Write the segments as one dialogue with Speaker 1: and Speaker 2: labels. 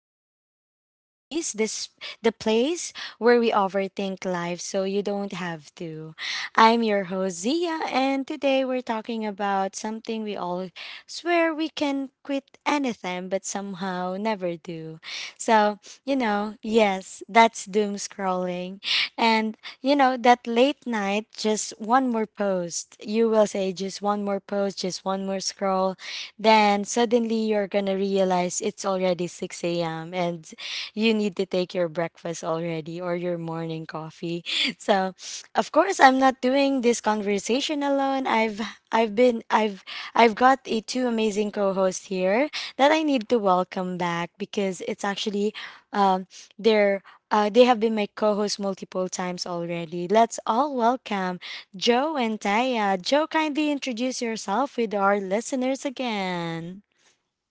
Speaker 1: to Real Talk Diaries. This the place where we overthink life so you don't have to. I'm your host Zia, and today we're talking about something we all swear we can quit anytime, but somehow never do. So, yes, that's doom scrolling. That late night, just one more post. You will say, just one more post, just one more scroll. Then suddenly you're going to realize it's already 6 a.m. And you need to take your breakfast already or your morning coffee. So, of course, I'm not doing this conversation alone. I've been I've got a two amazing co-hosts here that I need to welcome back because it's actually um they're they have been my co-hosts multiple times already. Let's all welcome Joe and Taya. Joe, kindly introduce yourself with our listeners again.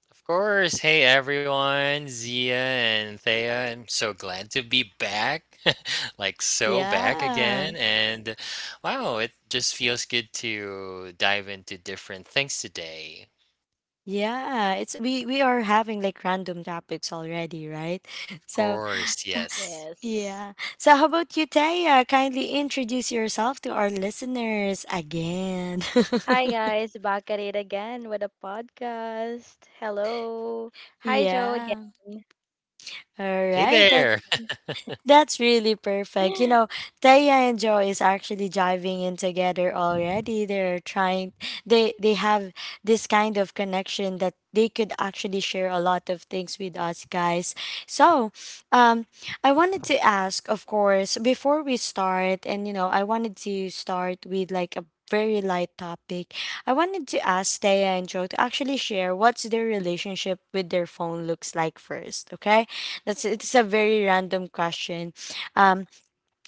Speaker 2: Of course. Hey everyone, Zia and Thea. I'm so glad to be back. like so back
Speaker 1: Yeah.
Speaker 2: again. And wow, it just feels good to dive into different things today.
Speaker 1: Yeah, it's we are having like random topics already, right?
Speaker 2: Of
Speaker 1: So,
Speaker 2: course, yes.
Speaker 3: Yes.
Speaker 1: yeah. So how about you, Taya? Kindly introduce yourself to our listeners again.
Speaker 3: Hi guys, back at it again with a podcast. Hello. Hi Joe again.
Speaker 1: Yeah. All
Speaker 2: Hey
Speaker 1: right.
Speaker 2: there.
Speaker 1: That's really perfect. You know, Taya and Joe is actually diving in together already. They're trying they have this kind of connection that they could actually share a lot of things with us guys. So, um I wanted to ask, of course, before we start, I wanted to start with like a very light topic. I wanted to ask Taya and Joe to actually share what's their relationship with their phone looks like first, okay? That's it's a very random question. Um,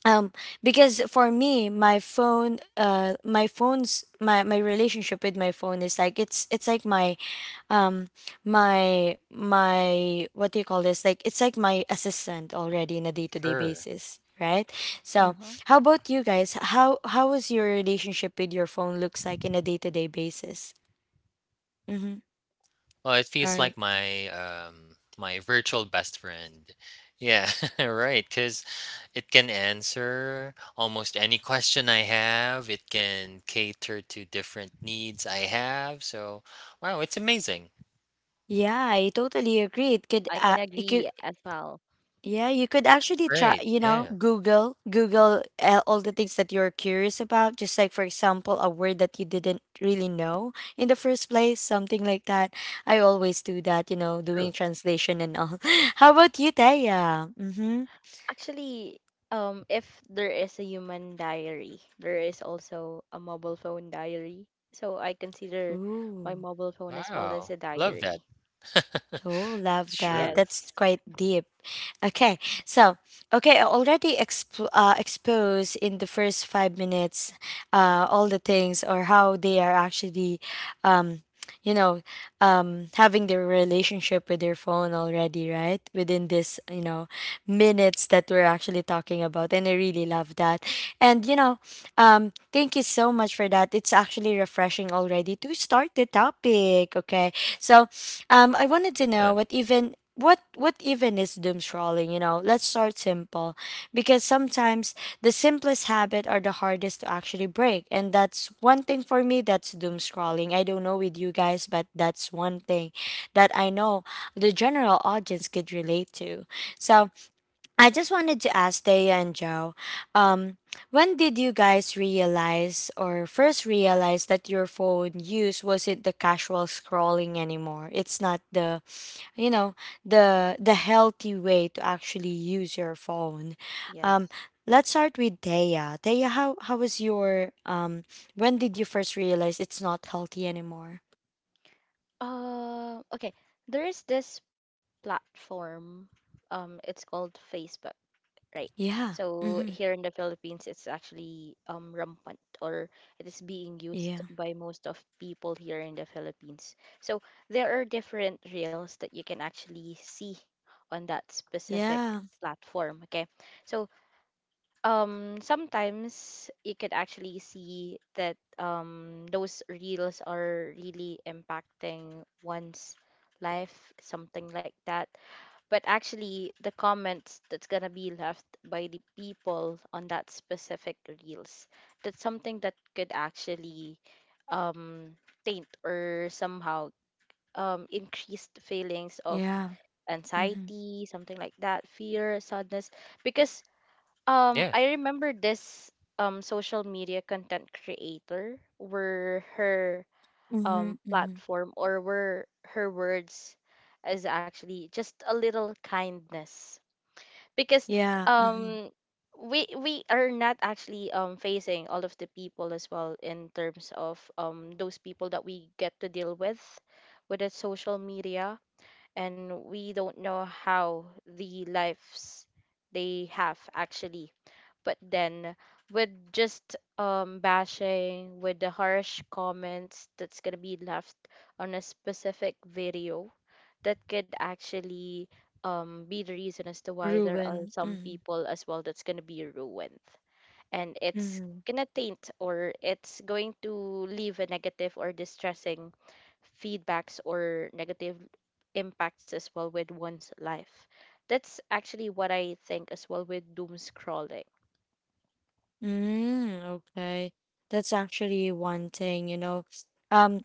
Speaker 1: um, because for me, my phone, my phone's my relationship with my phone is like it's like my um what do you call this? Like it's like my assistant already in a day to day
Speaker 2: sure.
Speaker 1: basis, right? So
Speaker 3: Hmm.
Speaker 1: how about you guys? How is your relationship with your phone looks like in a day to day basis? Mm-hmm.
Speaker 2: Well, it
Speaker 1: All
Speaker 2: feels
Speaker 1: right.
Speaker 2: like my my virtual best friend. Yeah, right, cuz it can answer almost any question I have. It can cater to different needs I have. So, wow, it's amazing.
Speaker 1: Yeah, I totally agree. It
Speaker 3: I can
Speaker 1: it
Speaker 3: agree
Speaker 1: could.
Speaker 3: as well.
Speaker 1: Yeah, you could actually try,
Speaker 2: Right.
Speaker 1: you know,
Speaker 2: Yeah,
Speaker 1: Google all the things that you're curious about. Just like, for example, a word that you didn't really know in the first place, something like that. I always do that, you know, doing
Speaker 2: true.
Speaker 1: translation and all. How about you, Taya? Mm-hmm.
Speaker 3: Actually, if there is a human diary, there is also a mobile phone diary. So I consider my
Speaker 1: Ooh.
Speaker 3: mobile phone as well as
Speaker 2: Wow.
Speaker 3: a
Speaker 2: Love that.
Speaker 3: diary.
Speaker 1: Oh, love that.
Speaker 2: Sure.
Speaker 3: Yes.
Speaker 1: That's quite deep. Okay, so okay, I already exposed in the first 5 minutes, all the things or how they are actually, um, you know, having their relationship with their phone already, right? Within this, minutes that we're actually talking about, and I really love that. And you know. Thank you so much for that. It's actually refreshing already to start the topic. Okay, so, I wanted to
Speaker 2: Yeah.
Speaker 1: know what even is doom scrolling. You know, let's start simple because sometimes the simplest habit are the hardest to actually break, and that's one thing for me. That's doom scrolling. I don't know with you guys, but that's one thing that I know the general audience could relate to. So I just wanted to ask Thea and Joe, um, when did you guys realize or first realize that your phone use wasn't the casual scrolling anymore? It's not the, you know, the healthy way to actually use your phone. Um,
Speaker 3: Yes.
Speaker 1: let's start with Thea. Thea, how was your When did you first realize it's not healthy anymore?
Speaker 3: Okay. There is this platform. It's called Facebook. Right.
Speaker 1: Yeah.
Speaker 3: So
Speaker 1: Mm-hmm.
Speaker 3: here in the Philippines, it's actually rampant, or it is being
Speaker 1: Yeah.
Speaker 3: used by most of people here in the Philippines. So there are different reels that you can actually see on that specific
Speaker 1: Yeah.
Speaker 3: platform. Okay. So sometimes you could actually see that those reels are really impacting one's life, something like that, but actually the comments that's gonna be left by the people on that specific reels, that's something that could actually um taint or somehow increased feelings of
Speaker 1: Yeah. Mm-hmm.
Speaker 3: anxiety, something like that, fear, sadness, because
Speaker 2: Yeah.
Speaker 3: I remember this social media content creator where her
Speaker 1: Mm-hmm. Mm-hmm.
Speaker 3: platform, or were her words, is actually just a little kindness, because
Speaker 1: Yeah. Mm-hmm.
Speaker 3: um we are not actually facing all of the people as well in terms of those people that we get to deal with the social media, and we don't know how the lives they have actually, but then, with just bashing, with the harsh comments that's gonna be left on a specific video, that could actually be the reason as to why there are
Speaker 1: Ruben.
Speaker 3: some
Speaker 1: Mhm.
Speaker 3: people as well that's gonna be ruined. And it's
Speaker 1: Mhm.
Speaker 3: gonna taint, or it's going to leave a negative or distressing feedbacks or negative impacts as well with one's life. That's actually what I think as well with doom scrolling.
Speaker 1: Mm, okay. That's actually one thing, you know. Um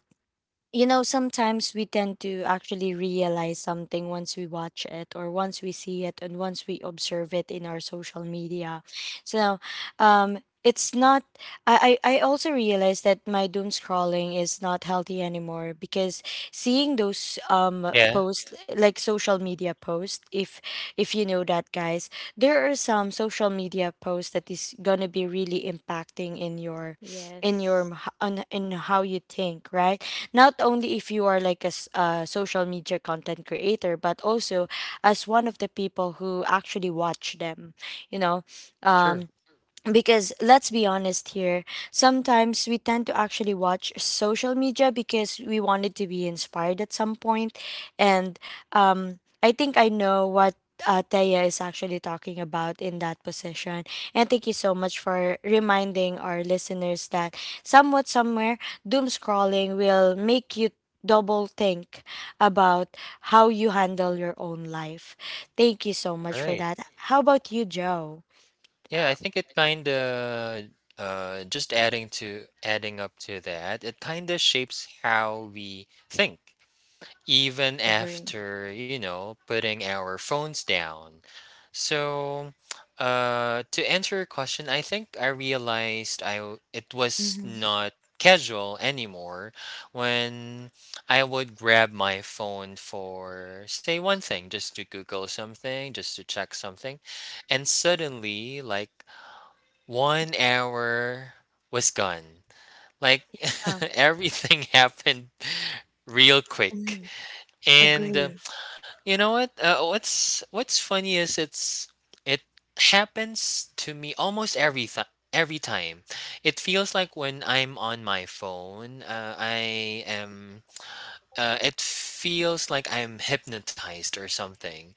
Speaker 1: you know, sometimes we tend to actually realize something once we watch it or once we see it and once we observe it in our social media. So, it's not, I also realized that my doom scrolling is not healthy anymore because seeing those
Speaker 2: Yeah,
Speaker 1: posts like social media posts, if you know that guys, there are some social media posts that is gonna be really impacting in your
Speaker 3: Yes.
Speaker 1: h- on in how you think, right? Not only if you are like a social media content creator, but also as one of the people who actually watch them. You know,
Speaker 2: true.
Speaker 1: um, because let's be honest here, sometimes we tend to actually watch social media because we wanted to be inspired at some point point. And I think I know what Taya is actually talking about in that position. And thank you so much for reminding our listeners that somewhat somewhere doom scrolling will make you double think about how you handle your own life. Thank you so much for
Speaker 2: Right.
Speaker 3: Yes.
Speaker 1: that. How about you, Joe?
Speaker 2: Yeah, I
Speaker 1: Uh,
Speaker 2: think it kind of just adding up to that, it kind of shapes how we think even
Speaker 1: Agree.
Speaker 2: after you know putting our phones down. So, to answer your question, I think I realized it was
Speaker 1: Hmm.
Speaker 2: not casual anymore when I would grab my phone for say one thing, just to google something, just to check something, and suddenly like 1 hour was gone, like
Speaker 1: Yeah.
Speaker 2: everything happened real quick.
Speaker 1: Hmm.
Speaker 2: And
Speaker 1: Agree.
Speaker 2: you know what? What's funny is it happens to me almost every time. It feels like when I'm on my phone, I am. It feels like I'm hypnotized or something.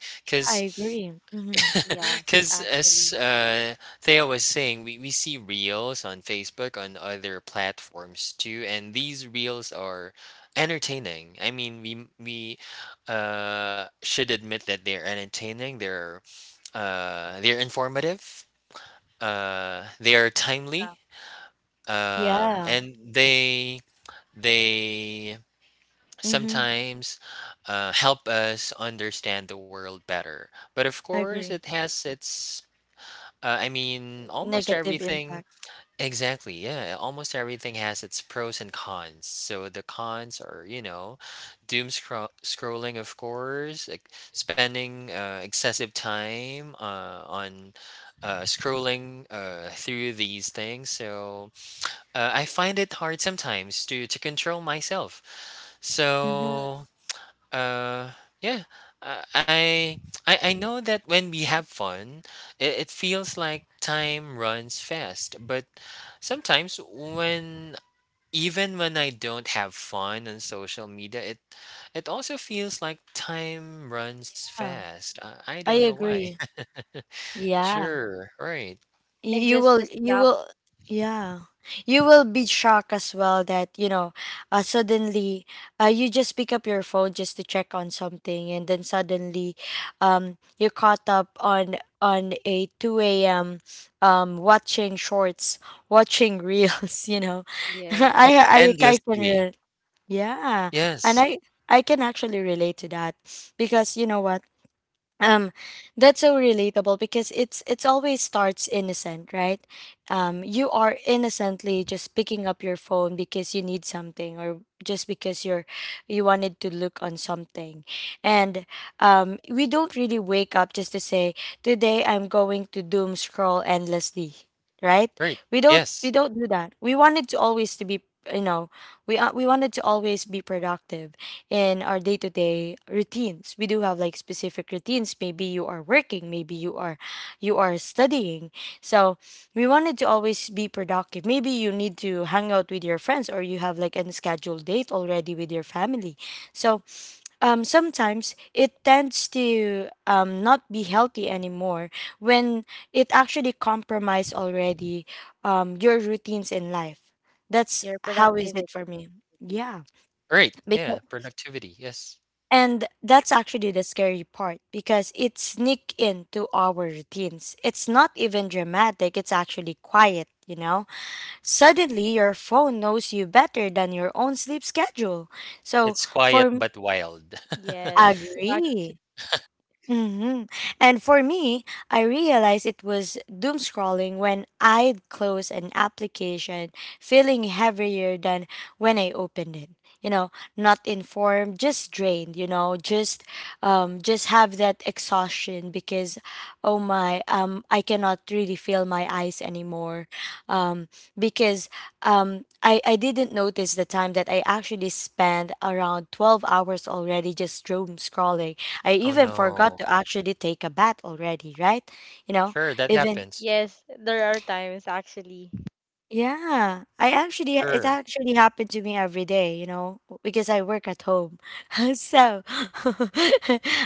Speaker 1: Yeah,
Speaker 2: Cause
Speaker 1: I agree. Hmm.
Speaker 3: Yeah,
Speaker 2: because as
Speaker 3: actually.
Speaker 2: uh, Theo was saying, we see reels on Facebook, on other platforms too, and these reels are entertaining. I mean, we should admit that they're entertaining. They're informative. They are timely.
Speaker 1: Yeah. Yeah.
Speaker 2: And they
Speaker 1: Hmm.
Speaker 2: sometimes help us understand the world better. But of
Speaker 1: I
Speaker 2: course, it
Speaker 1: agree.
Speaker 2: has its I mean, almost
Speaker 1: Negative
Speaker 2: everything.
Speaker 1: impact.
Speaker 2: Exactly. Yeah. Almost everything has its pros and cons. So the cons are, you know, scrolling, of course, like spending excessive time on scrolling through these things. So I find it hard sometimes to control myself.
Speaker 1: Hmm.
Speaker 2: So uh, yeah. Uh, I I know that when we have fun, it feels like time runs fast. But sometimes when even when I don't have fun on social media, it also feels like time runs
Speaker 1: Yeah.
Speaker 2: fast. I
Speaker 1: I
Speaker 2: don't know why.
Speaker 1: agree. Yeah.
Speaker 2: Sure, right.
Speaker 3: And
Speaker 1: Y- you
Speaker 3: just
Speaker 1: will
Speaker 3: a
Speaker 1: you
Speaker 3: snap,
Speaker 1: will yeah you will be shocked as well that you know suddenly you just pick up your phone just to check on something and then suddenly you're caught up on a 2 a.m, watching shorts, watching reels you know.
Speaker 3: yes.
Speaker 1: I, I i can
Speaker 2: Endlessly.
Speaker 1: re- yeah,
Speaker 2: Yes.
Speaker 1: and I can actually relate to that because you know what, um that's so relatable because it's always starts innocent, right? You are innocently just picking up your phone because you need something or just because you wanted to look on something. And we don't really wake up just to say today I'm going to doom scroll endlessly, right?
Speaker 2: Right.
Speaker 1: we don't we
Speaker 2: Yes.
Speaker 1: don't do that. We wanted to always to be, you know we wanted to always be productive in our day to day routines. We do have like specific routines. Maybe you are working, maybe you are studying. So we wanted to always be productive. Maybe you need to hang out with your friends or you have like an scheduled date already with your family. So sometimes it tends to not be healthy anymore when it actually compromise already your routines in life. That's
Speaker 3: Your
Speaker 1: how is it for
Speaker 3: productivity.
Speaker 1: me. Yeah
Speaker 2: Right.
Speaker 1: because.
Speaker 2: Yeah. Productivity. Yes.
Speaker 1: And that's actually the scary part because it sneak into our routines. It's not even dramatic, it's actually quiet, you know? Suddenly your phone knows you better than your own sleep schedule. So
Speaker 2: It's
Speaker 1: for
Speaker 2: quiet
Speaker 1: m-
Speaker 2: but wild.
Speaker 3: Yes. Actually,
Speaker 1: Agree. Hmm. And for me, I realized it was doom scrolling when I'd close an application feeling heavier than when I opened it. You know, not informed, just drained, you know, just have that exhaustion because oh my, I cannot really feel my eyes anymore. Um because I didn't notice the time that I actually spent around 12 hours already just doom scrolling. I
Speaker 2: Oh
Speaker 1: even
Speaker 2: no.
Speaker 1: forgot to actually take a bath already, right? You know,
Speaker 2: Sure, that
Speaker 1: even
Speaker 2: happens.
Speaker 3: yes, there are times actually.
Speaker 1: yeah, I actually it
Speaker 2: Sure.
Speaker 1: actually happened to me every day, you know, because I work at home. So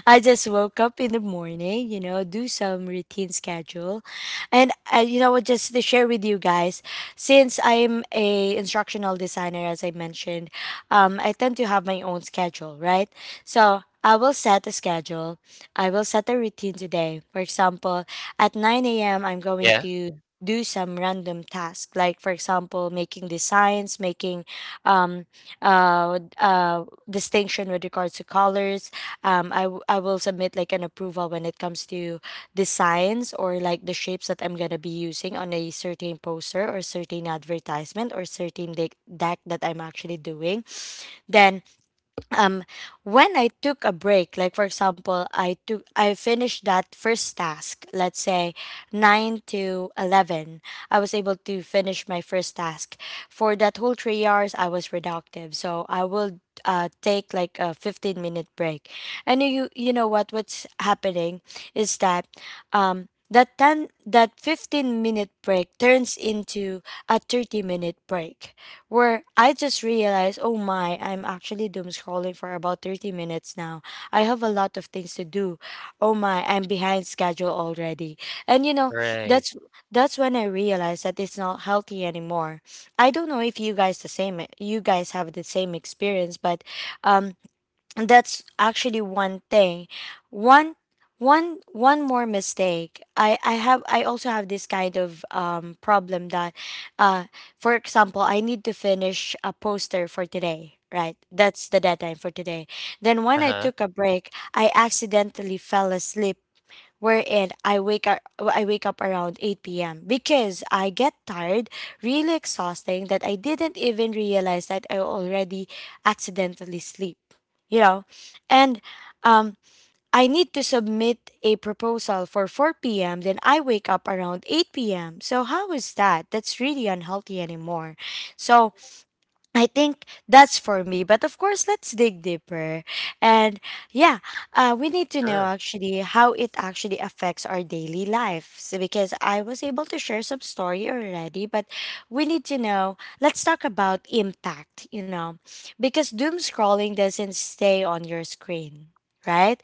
Speaker 1: I just woke up in the morning, you know, do some routine schedule. And you know what, just to share with you guys, since I'm a instructional designer, as I mentioned, I tend to have my own schedule, right? So I will set a schedule. I will set a routine today. For example, at 9 a.m., I'm going
Speaker 2: Yeah.
Speaker 1: to do some random task, like for example making designs, making um uh, uh distinction with regards to colors. I will submit like an approval when it comes to designs or like the shapes that I'm gonna be using on a certain poster or certain advertisement or certain deck that I'm actually doing. Then um when I took a break, like for example I took I finished that first task, let's say 9 to 11 I was able to finish my first task. For that whole 3 hours I was reductive, so I will take like a 15-minute break. And you know what what's happening is that um that 10 that 15-minute break turns into a 30-minute break where I just realized, oh my, I'm actually doom scrolling for about 30 minutes now. I have a lot of things to do. Oh my, I'm behind schedule already. And you know,
Speaker 2: Right.
Speaker 1: that's that's when I realized that it's not healthy anymore. I don't know if you guys have the same experience, but um and that's actually one thing. One one one more mistake I also have this kind of problem that uh for example I need to finish a poster for today, right? That's the deadline for today. Then when I
Speaker 2: Uh-huh.
Speaker 1: took a break I accidentally fell asleep, wherein I wake up around 8 p.m. because I get tired, really exhausting that I didn't even realize that I already accidentally sleep. You know? And um I need to submit a proposal for 4 p.m. Then I wake up around 8 p.m. So how is that? That's really unhealthy anymore. So I think that's for me. But of course, let's dig deeper. And yeah, we need to know
Speaker 2: Sure.
Speaker 1: actually how it actually affects our daily life. So because I was able to share some story already, but we need to know, let's talk about impact, you know, because doom scrolling doesn't stay on your screen. Right,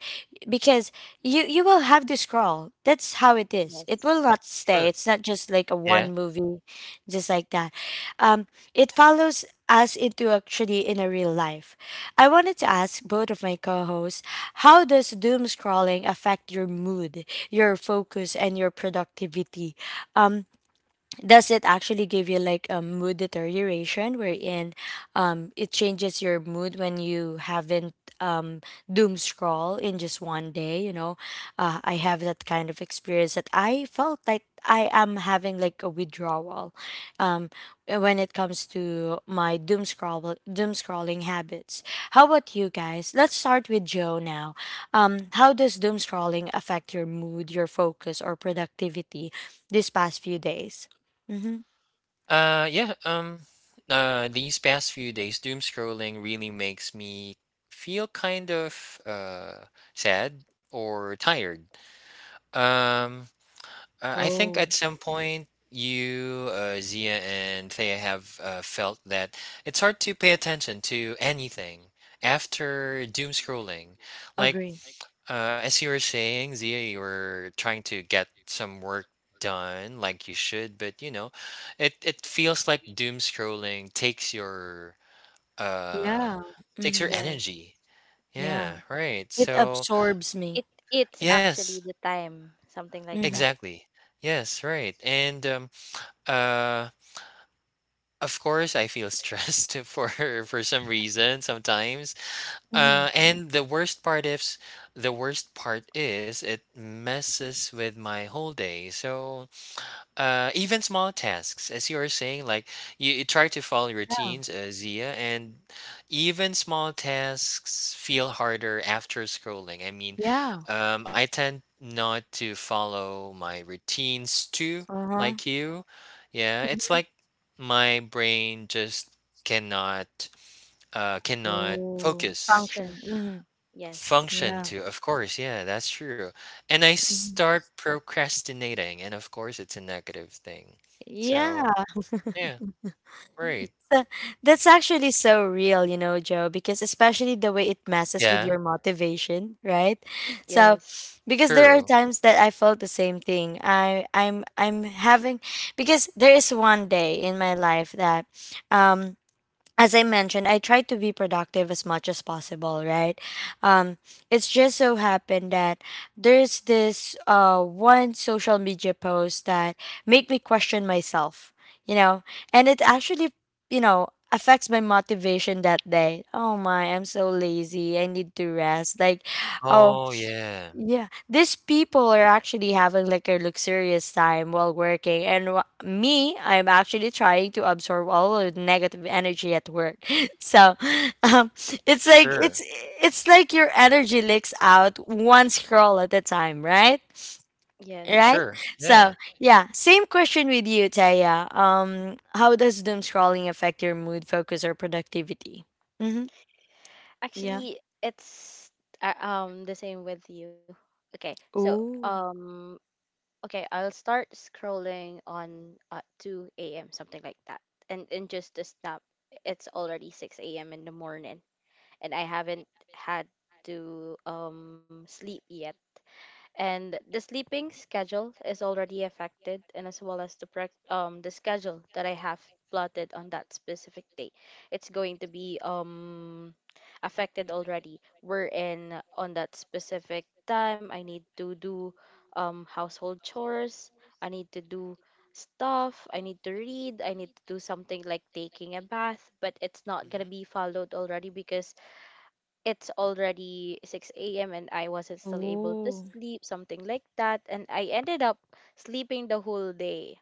Speaker 1: because you will have to scroll. That's how it is. It
Speaker 3: Yes.
Speaker 1: will not
Speaker 2: Sure.
Speaker 1: stay. It's not just like a
Speaker 2: Yeah.
Speaker 1: one movie just like that. Um, it follows us into actually in a real life. I wanted to ask both of my co-hosts, how does doom scrolling affect your mood, your focus, and your productivity? Um, does it actually give you like a mood deterioration wherein it changes your mood when you haven't um doom scroll in just one day. I have that kind of experience that I felt like I am having like a withdrawal um when it comes to my doom scrolling habits. How about you guys? Let's start with Joe now. How does doom scrolling affect your mood, your focus, or productivity these past few days? Mm-hmm.
Speaker 2: Yeah, these past few days doom scrolling really makes me feel kind of sad or tired. Um I think at
Speaker 1: Oh,
Speaker 2: some point you Zia and Thea have felt that it's hard to pay attention to anything after doom scrolling. Like
Speaker 1: agree.
Speaker 2: As you were saying, Zia, you were trying to get some work done like you should, but you know, it feels like doom scrolling uh
Speaker 1: Yeah.
Speaker 2: takes your
Speaker 1: Mm-hmm.
Speaker 3: Yes.
Speaker 2: energy.
Speaker 1: Yeah.
Speaker 2: Yeah, right.
Speaker 1: It
Speaker 2: So,
Speaker 1: absorbs
Speaker 3: It
Speaker 1: me.
Speaker 3: it's
Speaker 1: Yeah.
Speaker 3: actually
Speaker 2: yes,
Speaker 3: the time, something like that.
Speaker 1: Mm-hmm.
Speaker 2: exactly. Yes, right. And uh of course I feel stressed for some reason sometimes.
Speaker 1: Mm-hmm.
Speaker 2: And the worst part is the worst part is it messes with my whole day. So, even small tasks, as you were saying, like you try to follow
Speaker 1: Yeah.
Speaker 2: routines, Zia, and even small tasks feel harder after scrolling. I mean,
Speaker 1: Yeah.
Speaker 2: I tend not to follow my routines too,
Speaker 1: Uh-huh.
Speaker 2: like you. Yeah, it's
Speaker 1: Mm-hmm.
Speaker 2: like my brain just cannot, cannot
Speaker 1: Oh,
Speaker 2: focus.
Speaker 3: Function.
Speaker 1: function. Mm-hmm.
Speaker 3: Yes.
Speaker 2: Function
Speaker 1: Yeah.
Speaker 2: too, of course, yeah, that's true. And I
Speaker 1: Mhm.
Speaker 2: start procrastinating, and of course, it's a negative thing.
Speaker 1: Yeah.
Speaker 2: So, yeah, right.
Speaker 1: So, that's actually so real, you know, Joe, because especially the way it messes with your
Speaker 2: Yeah,
Speaker 1: motivation, right? So,
Speaker 3: Yes.
Speaker 1: because there are
Speaker 2: true.
Speaker 1: times that I felt the same thing. I'm having because there is one day in my life that um as I mentioned, I try to be productive as much as possible, right? Um, it's just so happened that there's this one social media post that make me question myself, you know, and it actually, you know, affects my motivation that day. Oh my, I'm so lazy. I need to rest. Like, oh,
Speaker 2: Oh, yeah,
Speaker 1: yeah, these people are actually having like a luxurious time while working, and me, I'm actually trying to absorb all of the negative energy at work. So, um, it's like
Speaker 2: sure,
Speaker 1: it's like your energy leaks out one scroll at a time, right?
Speaker 3: Yes.
Speaker 1: Right?
Speaker 2: sure,
Speaker 1: So,
Speaker 2: yeah.
Speaker 1: yeah, same question with you, Taya. How does doom scrolling affect your mood, focus, or productivity? Mm-hmm. Yeah.
Speaker 3: Actually, it's the same with you. Okay. So,
Speaker 1: Ooh.
Speaker 3: um okay, I'll start scrolling on at 2 a.m., something like that. And in just a snap, it's already 6 a.m. in the morning. And I haven't had to sleep yet, and the sleeping schedule is already affected, and as well as the the schedule that I have plotted on that specific day, it's going to be affected already, we're in on that specific time I need to do household chores, I need to do stuff, I need to read, I need to do something like taking a bath, but it's not going to
Speaker 2: Hmm.
Speaker 3: be followed already because it's already 6 a.m. and I wasn't still able to
Speaker 1: Ooh.
Speaker 3: sleep, something like that. And I ended up sleeping the whole day.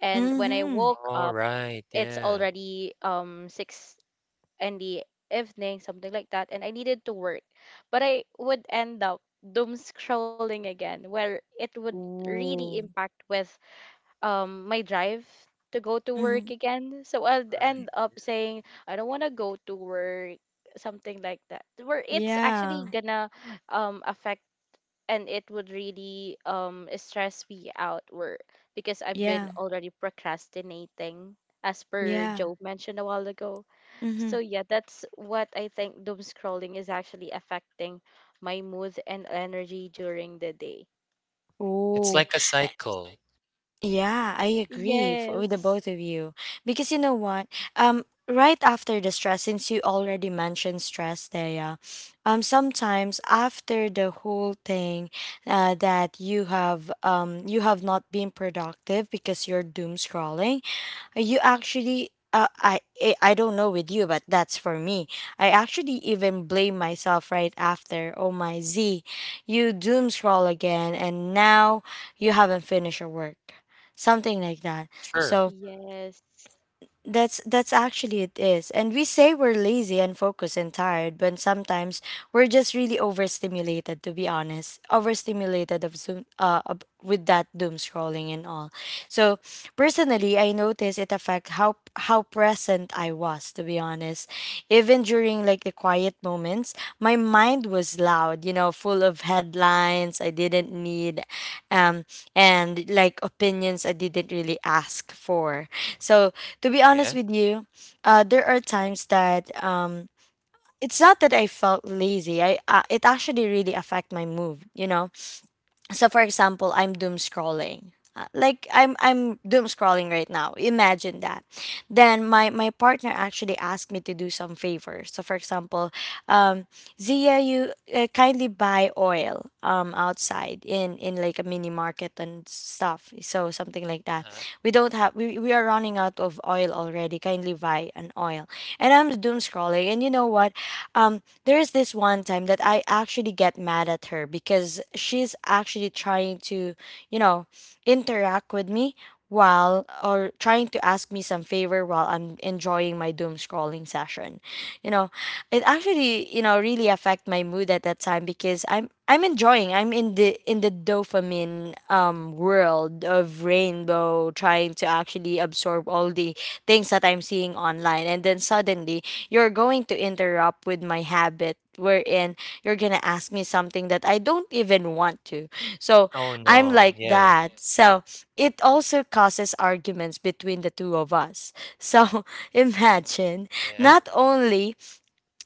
Speaker 3: And when I
Speaker 1: Mhm.
Speaker 3: woke
Speaker 2: All
Speaker 3: up,
Speaker 2: right,
Speaker 3: it's
Speaker 2: yeah,
Speaker 3: already 6 in the evening, something like that. And I needed to work. But I would end up doom scrolling again, where it would really
Speaker 1: Ooh.
Speaker 3: impact with my drive to go to work
Speaker 1: Mhm.
Speaker 3: again. So I'll
Speaker 2: right.
Speaker 3: end up saying I don't want to go to work, something like that. Where it's actually
Speaker 1: Yeah.
Speaker 3: gonna affect, and it would really stress me out, where because I've been
Speaker 1: Yeah.
Speaker 3: already procrastinating, as per
Speaker 1: Yeah.
Speaker 3: Joe mentioned a while ago. So
Speaker 1: Mhm.
Speaker 3: yeah, that's what I think doom scrolling is actually affecting my mood and energy during the day.
Speaker 2: It's
Speaker 1: Ooh.
Speaker 2: like a cycle.
Speaker 1: Uh, Yeah, I agree f with the
Speaker 3: Yes.
Speaker 1: both of you. Because you know what? Um, right after the stress, since you already mentioned stress there, yeah, sometimes after the whole thing, that you have not been productive because you're doom scrolling, you actually I don't know with you, but that's for me. I actually even blame myself right after. Oh my Z, you doom scroll again, and now you haven't finished your work, something like that.
Speaker 2: Sure,
Speaker 1: So
Speaker 3: Yes.
Speaker 1: that's actually it is. And we say we're lazy and focused and tired, but sometimes we're just really overstimulated to be honest. Overstimulated of with that doom scrolling and all. So personally, I noticed it affect how present I was to be honest. Even during like the quiet moments, my mind was loud, you know, full of headlines I didn't need um and like opinions I didn't really ask for. So to be honest
Speaker 2: yeah.
Speaker 1: with you, there are times that it's not that I felt lazy. I It actually really affect my mood. You know, so for example I'm doom scrolling. Like I'm doom scrolling right now, imagine that. Then my partner actually asked me to do some favors. So for example, um Zia, you kindly buy oil outside in like a mini market and stuff, so something like that.
Speaker 2: Uh-huh.
Speaker 1: We don't have we, we are running out of oil already, kindly buy an oil. And I'm doom scrolling and you know what, um there's this one time that I actually get mad at her because she's actually trying to, you know, interact with me while or trying to ask me some favor while I'm enjoying my doom scrolling session. You know, it actually, you know, really affect my mood at that time because I'm enjoying. I'm in the dopamine world of rainbow, trying to actually absorb all the things that I'm seeing online, and then suddenly you're going to interrupt with my habit, wherein you're going to ask me something that I don't even want to. So
Speaker 2: Oh,
Speaker 1: I'm
Speaker 2: no,
Speaker 1: like
Speaker 2: yeah,
Speaker 1: that. So it also causes arguments between the two of us. So
Speaker 2: mm,
Speaker 1: imagine,
Speaker 2: yeah.
Speaker 1: not only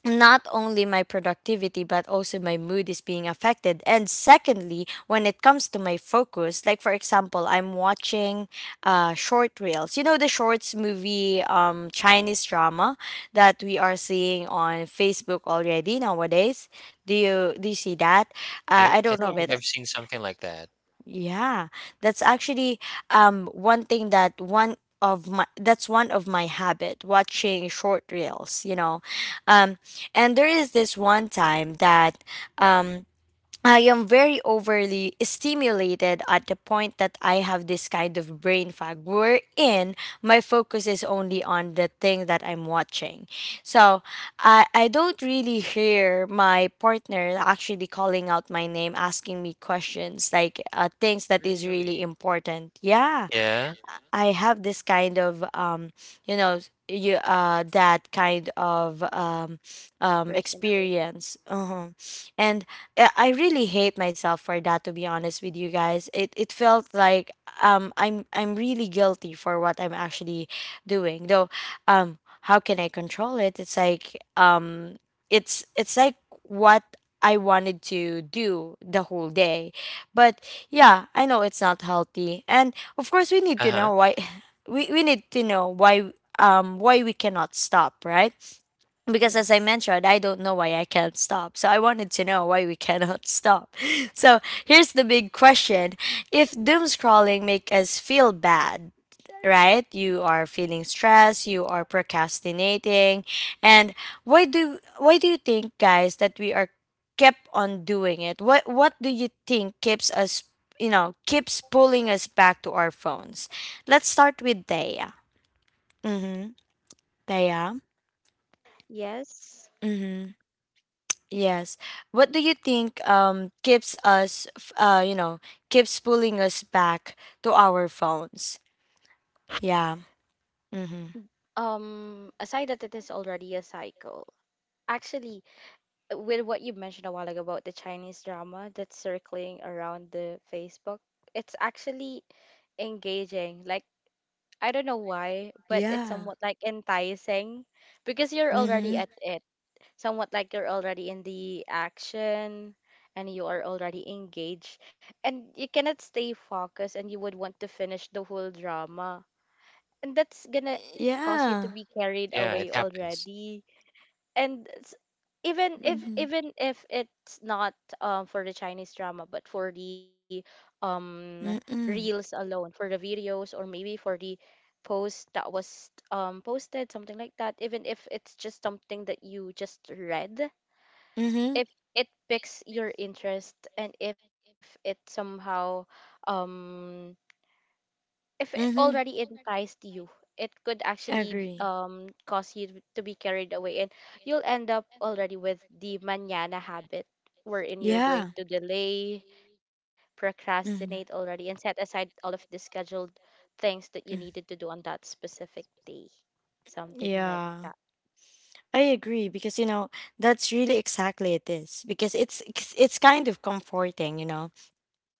Speaker 1: not only my productivity but also my mood is being affected. And secondly, when it comes to my focus, like for example I'm watching short reels, you know, the shorts movie, Chinese drama that we are seeing on Facebook already nowadays. Do you see that?
Speaker 2: I,
Speaker 1: I
Speaker 2: I
Speaker 1: don't know
Speaker 2: think
Speaker 1: but
Speaker 2: I've seen
Speaker 3: Yes,
Speaker 2: something like that.
Speaker 1: yeah, that's actually one thing that one of my that's one of my habit, watching short reels, you know. Um and there is this one time that um I am very overly stimulated at the point that I have this kind of brain fog wherein my focus is only on the thing that I'm watching. So I don't really hear my partner actually calling out my name, asking me questions like things that is really
Speaker 2: Really?
Speaker 1: important. Yeah.
Speaker 2: Yeah,
Speaker 1: I have this kind of you know s- you that kind of
Speaker 3: personality.
Speaker 1: experience. Uh-huh. And I really hate myself for that, to be honest with you guys. It felt like I'm really guilty for what I'm actually doing though. um how can I control it? It's like it's like what I wanted to do the whole day. But yeah, I know it's not healthy, and of course, we need to
Speaker 2: uh-huh,
Speaker 1: know why. We need to know why, why we cannot stop, right? Because as I
Speaker 3: Yes.
Speaker 1: mentioned, I don't know why I can't stop. So I wanted to know why we cannot stop. So here's the big question. If doom scrolling make us feel bad, right? You are feeling stressed, you are procrastinating. And why do you think guys that we are kept on doing it? What do you think keeps us, you know, keeps pulling us back to our phones? Let's start with Daya. Mhm. Daya.
Speaker 3: Yes.
Speaker 1: Mhm. Yes. What do you think keeps us you know, keeps pulling us back to our phones? Yeah. Mhm.
Speaker 3: Aside that it is already a cycle. Actually, with what you mentioned a while ago about the Chinese drama that's circling around the Facebook, it's actually engaging. Like, I don't know why, but it's
Speaker 1: Yeah.
Speaker 3: somewhat like enticing because you're already
Speaker 1: Mhm.
Speaker 3: at it, somewhat like you're already in the action, and you are already engaged and you cannot stay focused, and you would want to finish the whole drama, and that's gonna cause you to
Speaker 1: Yeah.
Speaker 3: be carried
Speaker 2: yeah, it
Speaker 3: away
Speaker 2: happens.
Speaker 3: already. And even if
Speaker 1: Mm-hmm.
Speaker 3: even if it's not for the Chinese drama, but for the um reels
Speaker 1: Mm-mm.
Speaker 3: alone, for the videos, or maybe for the post that was posted, something like that, even if it's just something that you just read,
Speaker 1: Mm-hmm.
Speaker 3: if it piques your interest, and if it somehow um if it
Speaker 1: Mm-hmm.
Speaker 3: already enticed you, it could actually
Speaker 1: Agree.
Speaker 3: cause you to be carried away, and you'll end up already with the manana habit, wherein you're going
Speaker 1: Yeah.
Speaker 3: to delay, procrastinate
Speaker 1: Mm-hmm.
Speaker 3: already, and set aside all of the scheduled things that you
Speaker 1: Mm.
Speaker 3: needed to do on that specific day, something like
Speaker 1: Yeah,
Speaker 3: that.
Speaker 1: I agree, because you know that's really exactly it is because it's it's kind of comforting, you know.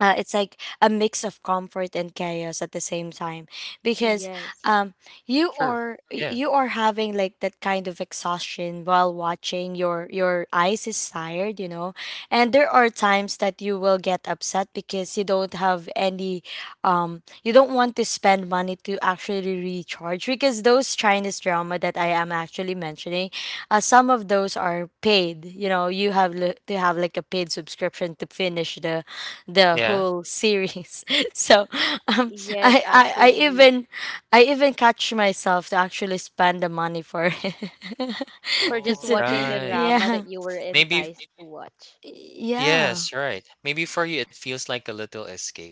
Speaker 1: Uh, it's like a mix of comfort and chaos at the same time because
Speaker 3: Yes.
Speaker 1: um,
Speaker 2: True, yeah,
Speaker 1: you are having like that kind of exhaustion while watching. Your eyes is tired, you know. And there are times that you will get upset because you don't have any you don't want to spend money to actually recharge because those Chinese drama that I am actually mentioning, some of those are paid. You know, you have to have like a paid subscription to finish the
Speaker 2: yeah.
Speaker 1: whole series. So um,
Speaker 3: Yes,
Speaker 1: I
Speaker 3: actually.
Speaker 1: even catch myself to actually spend the money for it.
Speaker 3: For just
Speaker 2: All
Speaker 1: That's it.
Speaker 3: watching the
Speaker 2: right.
Speaker 3: drama that
Speaker 1: Yeah.
Speaker 3: you were
Speaker 2: Maybe
Speaker 3: enticed to watch.
Speaker 1: Yeah.
Speaker 2: yes, right. Maybe for you it feels like a little escape.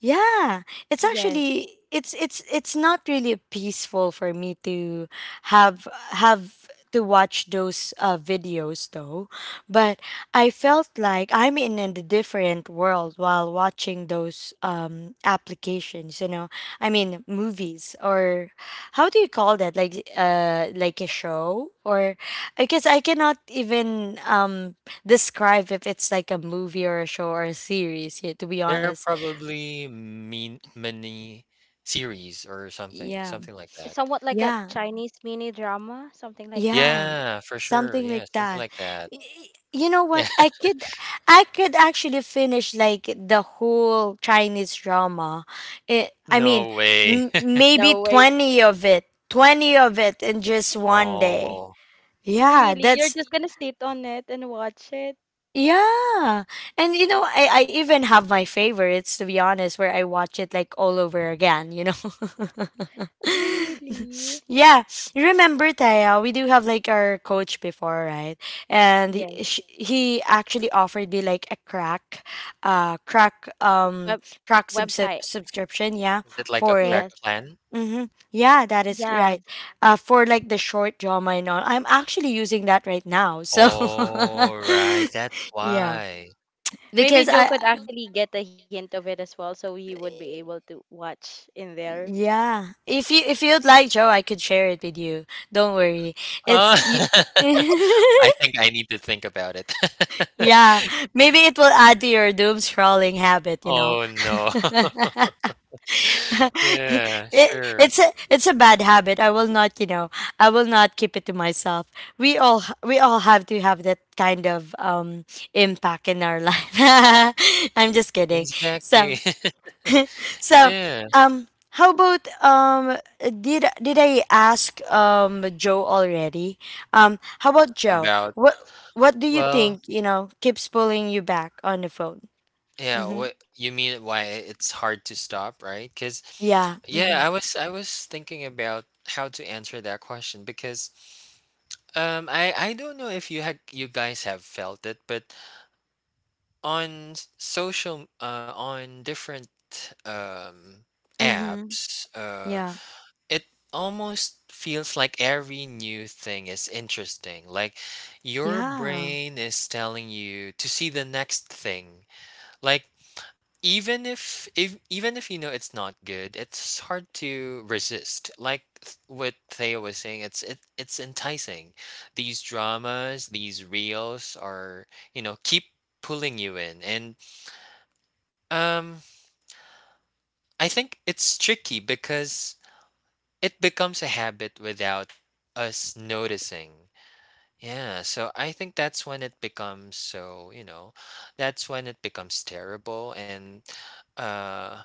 Speaker 1: Yeah, it's
Speaker 3: Yes,
Speaker 1: actually it's it's not really peaceful for me to have to watch those videos though, but I felt like I'm in a different world while watching those applications. You know, I mean movies or how do you call that? Like a show, or I guess I cannot even describe if it's like a movie or a show or a series. Yeah, to be
Speaker 2: There are
Speaker 1: honest.
Speaker 2: probably mean many series or something,
Speaker 1: Yeah.
Speaker 2: something like that.
Speaker 3: somewhat like a
Speaker 1: Yeah,
Speaker 3: Chinese mini drama, something like that.
Speaker 1: yeah,
Speaker 2: Yeah, for sure.
Speaker 1: something
Speaker 2: Yeah,
Speaker 1: like
Speaker 2: something
Speaker 1: that.
Speaker 2: like that.
Speaker 1: Y- You know what? I could actually finish like the whole Chinese drama. I mean,
Speaker 2: No way.
Speaker 3: No
Speaker 1: maybe
Speaker 3: way.
Speaker 1: 20 of it, 20 of it in just one day.
Speaker 2: Oh,
Speaker 1: Yeah,
Speaker 3: Really? You're
Speaker 1: that's—
Speaker 3: just gonna sit on it and watch it?
Speaker 1: Yeah. And you know, I even have my favorites, to be honest, where I watch it like all over again, you know.
Speaker 3: Really?
Speaker 1: yeah. You remember Taya, we do have like our coach before, right? And he,
Speaker 3: Yes.
Speaker 1: he actually offered me like a crack, crack
Speaker 3: Web
Speaker 1: crack
Speaker 3: website.
Speaker 1: subscription, yeah,
Speaker 2: is it like a
Speaker 1: for
Speaker 3: Yes.
Speaker 1: it.
Speaker 2: crack plan?
Speaker 1: Mm-hmm. Yeah, that is
Speaker 3: Yeah.
Speaker 1: right. For like the short drama and all, I'm actually using that right now. So,
Speaker 2: All right, that's
Speaker 1: yeah,
Speaker 2: why.
Speaker 3: Maybe
Speaker 1: because
Speaker 3: Joe
Speaker 1: I,
Speaker 3: could actually get a hint of it as well, so he would be able to watch in there.
Speaker 1: yeah, if you if you'd like, Joe, I could share it with you. Don't worry, it's
Speaker 2: Uh,
Speaker 1: you.
Speaker 2: I think I need to think about it.
Speaker 1: yeah, maybe it will add to your doom scrolling habit. You know.
Speaker 2: Oh no. Yeah,
Speaker 1: it,
Speaker 2: sure.
Speaker 1: it's a bad habit. I will not, you know, I will not keep it to myself. We all have to have that kind of impact in our life. I'm just kidding.
Speaker 2: Exactly.
Speaker 1: So so
Speaker 2: Yeah,
Speaker 1: um how about did I ask Joe already? How about Joe?
Speaker 2: about
Speaker 1: What do you
Speaker 2: well,
Speaker 1: think, keeps pulling you back on the phone?
Speaker 2: yeah,
Speaker 1: Mm-hmm.
Speaker 2: what you mean why it's hard to stop, right? Because
Speaker 1: Yeah. Mm-hmm.
Speaker 2: yeah, I was thinking about how to answer that question because I don't know if you guys have felt it, but on social on different um
Speaker 1: Mm-hmm.
Speaker 2: apps,
Speaker 1: Yeah.
Speaker 2: it almost feels like every new thing is interesting. Like your
Speaker 1: Yeah.
Speaker 2: brain is telling you to see the next thing. Like even if even if you know it's not good, it's hard to resist. Like what Theo was saying, it's enticing. These dramas, these reels are, you know, keep pulling you in. And um I think it's tricky because it becomes a habit without us noticing. Yeah, so I think that's when it becomes so, you know, that's when it becomes terrible and uh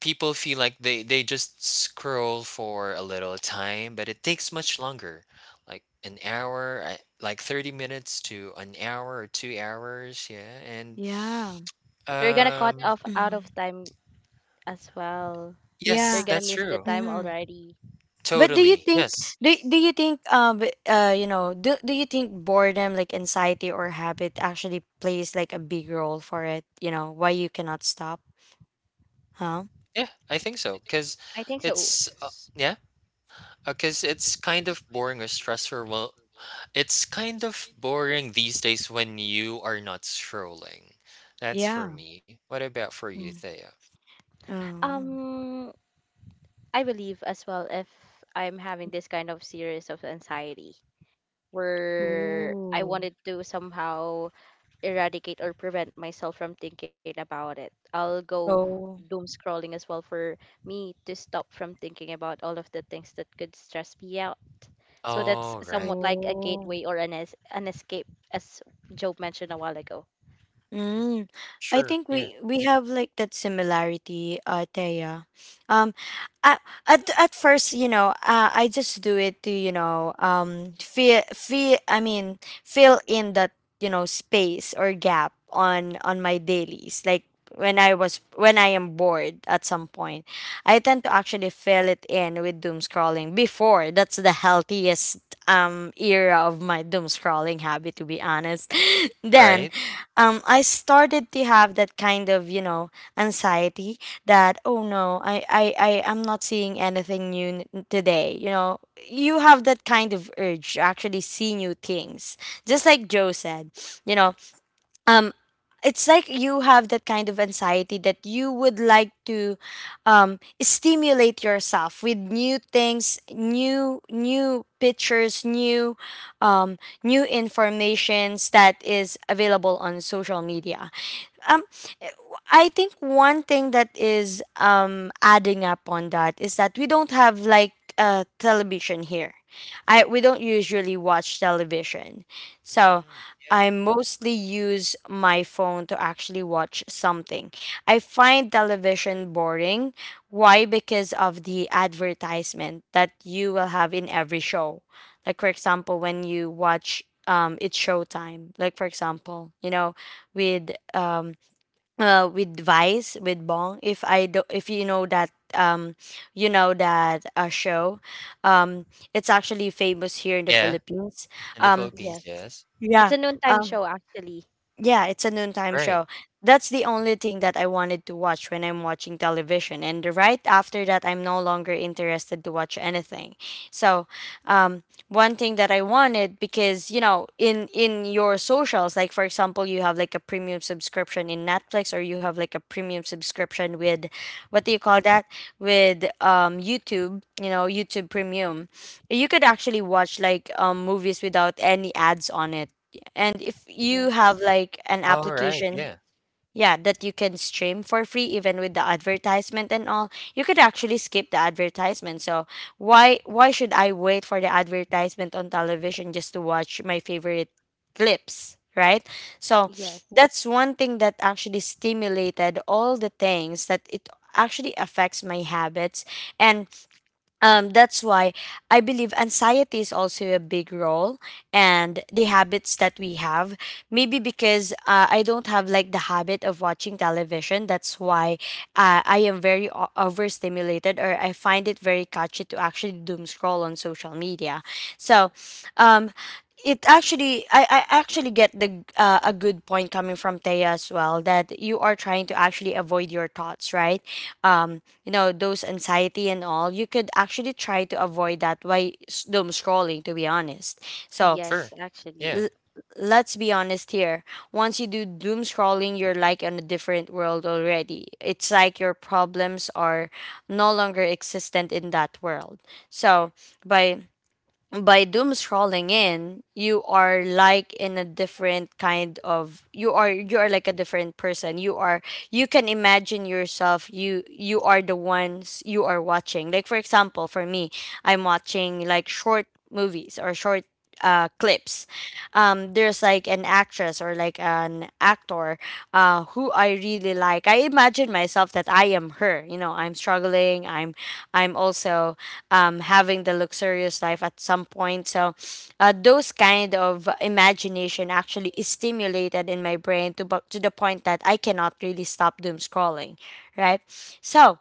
Speaker 2: people feel like they just scroll for a little time, but it takes much longer. Like an hour, like 30 minutes to an hour or 2 hours, yeah. And
Speaker 1: Yeah.
Speaker 3: You're gonna cut
Speaker 2: um
Speaker 3: off out
Speaker 1: you
Speaker 3: of time as well. You're
Speaker 2: yes,
Speaker 1: Yeah.
Speaker 3: gonna
Speaker 2: that's
Speaker 3: miss the
Speaker 2: true.
Speaker 3: time
Speaker 1: hmm
Speaker 3: already.
Speaker 1: But do you
Speaker 2: Totally.
Speaker 1: think
Speaker 2: Yes.
Speaker 1: do you think do you think boredom like anxiety or habit actually plays like a big role for it, you know, why you cannot stop? huh
Speaker 2: Yeah, I think so, cuz
Speaker 3: I think so.
Speaker 2: it's yeah. Because it's kind of boring or stressful. Well, it's kind of boring these days when you are not strolling. That's for
Speaker 1: yeah.
Speaker 2: me. What about for you,
Speaker 1: mm.
Speaker 2: Thea?
Speaker 3: Um, I believe as well, if I'm having this kind of series of anxiety where I
Speaker 1: Oh,
Speaker 3: wanted to somehow eradicate or prevent myself from thinking about it, I'll go
Speaker 1: oh.
Speaker 3: doom scrolling as well for me to stop from thinking about all of the things that could stress me out. So that's
Speaker 2: Oh,
Speaker 1: Oh,
Speaker 2: right.
Speaker 3: somewhat like a
Speaker 1: oh.
Speaker 3: gateway, or an escape, as Job mentioned a while ago.
Speaker 1: Mm. I
Speaker 2: Sure.
Speaker 1: think
Speaker 2: Yeah.
Speaker 1: we have like that similarity, Thea. Um, I, at first, you know, I just do it to, you know, fill in that, you know, space or gap on my dailies. Like when I am bored at some point, I tend to actually fill it in with doom scrolling before. That's the healthiest era of my doom scrolling habit, to be honest. Then
Speaker 2: Right?
Speaker 1: I started to have that kind of, you know, anxiety that, oh no, I am not seeing anything today. You know, you have that kind of urge to actually see new things. Just like Joe said, you know, um it's like you have that kind of anxiety that you would like to, stimulate yourself with new things, new pictures, new, um, new informations that is available on social media, um, I think one thing that is adding up on that is that we don't have like television here. I We don't usually watch television, so
Speaker 2: Mm, yeah.
Speaker 1: I mostly use my phone to actually watch something. I find
Speaker 2: Right.
Speaker 1: television boring. Why? Because of the advertisement that you will have in every show. Like for example, when you watch, it's showtime. Like for example, you know, with um with Vice with Bong. If I do, If you know that, you know that, show, um, it's actually famous here in the
Speaker 2: Yeah.
Speaker 1: Philippines.
Speaker 2: In the
Speaker 1: Um,
Speaker 2: Philippines,
Speaker 3: Yes.
Speaker 2: yes.
Speaker 1: yeah.
Speaker 3: It's a noontime
Speaker 1: Um,
Speaker 3: show, actually.
Speaker 1: yeah, it's a noontime
Speaker 2: Right.
Speaker 1: show. That's the only thing that I wanted to watch when I'm watching television. And right after that, I'm no longer interested to watch anything. So, um, one thing that I wanted, because, you know, in your socials, like for example, you have like a premium subscription in Netflix, or you have like a premium subscription with, what do you call that? With YouTube, you know, YouTube Premium. You could actually watch like movies without any ads on it, and if you
Speaker 3: Yes.
Speaker 1: have like an
Speaker 2: All right.
Speaker 1: application,
Speaker 2: Yeah.
Speaker 1: yeah, that you can stream for free, even with the advertisement and all, you could actually skip the advertisement. So why should I wait for the advertisement on television just to watch my favorite clips, right? So
Speaker 3: Yes.
Speaker 1: that's one thing that actually stimulated all the things that it actually affects my habits, and that's why I believe anxiety is also a big role and the habits that we have. Maybe because I don't have like the habit of watching television. That's why I am very overstimulated, or I find it very catchy to actually doom scroll on social media. So, um, it actually, I actually get the a good point coming from Taya as well, that you are trying to actually avoid your thoughts, right? Um, you know, those anxiety and all, you could actually try to avoid that by doom scrolling, to be honest. So
Speaker 3: Yes,
Speaker 2: Sure.
Speaker 3: actually.
Speaker 2: Yeah.
Speaker 1: l- let's be honest here. Once you do doom scrolling, you're like in a different world already. It's like your problems are no longer existent in that world. So by doom scrolling in, you are like in a different kind of, you are, you are like a different person. You are, you can imagine yourself, you are the ones you are watching. Like for example, for me, I'm watching like short movies or short clips. Um, there's like an actress or like an actor who I really like. I imagine myself that I am her, you know. I'm struggling, I'm also, having the luxurious life at some point. So, those kind of imagination actually is stimulated in my brain to to the point that I cannot really stop doom scrolling, right? So,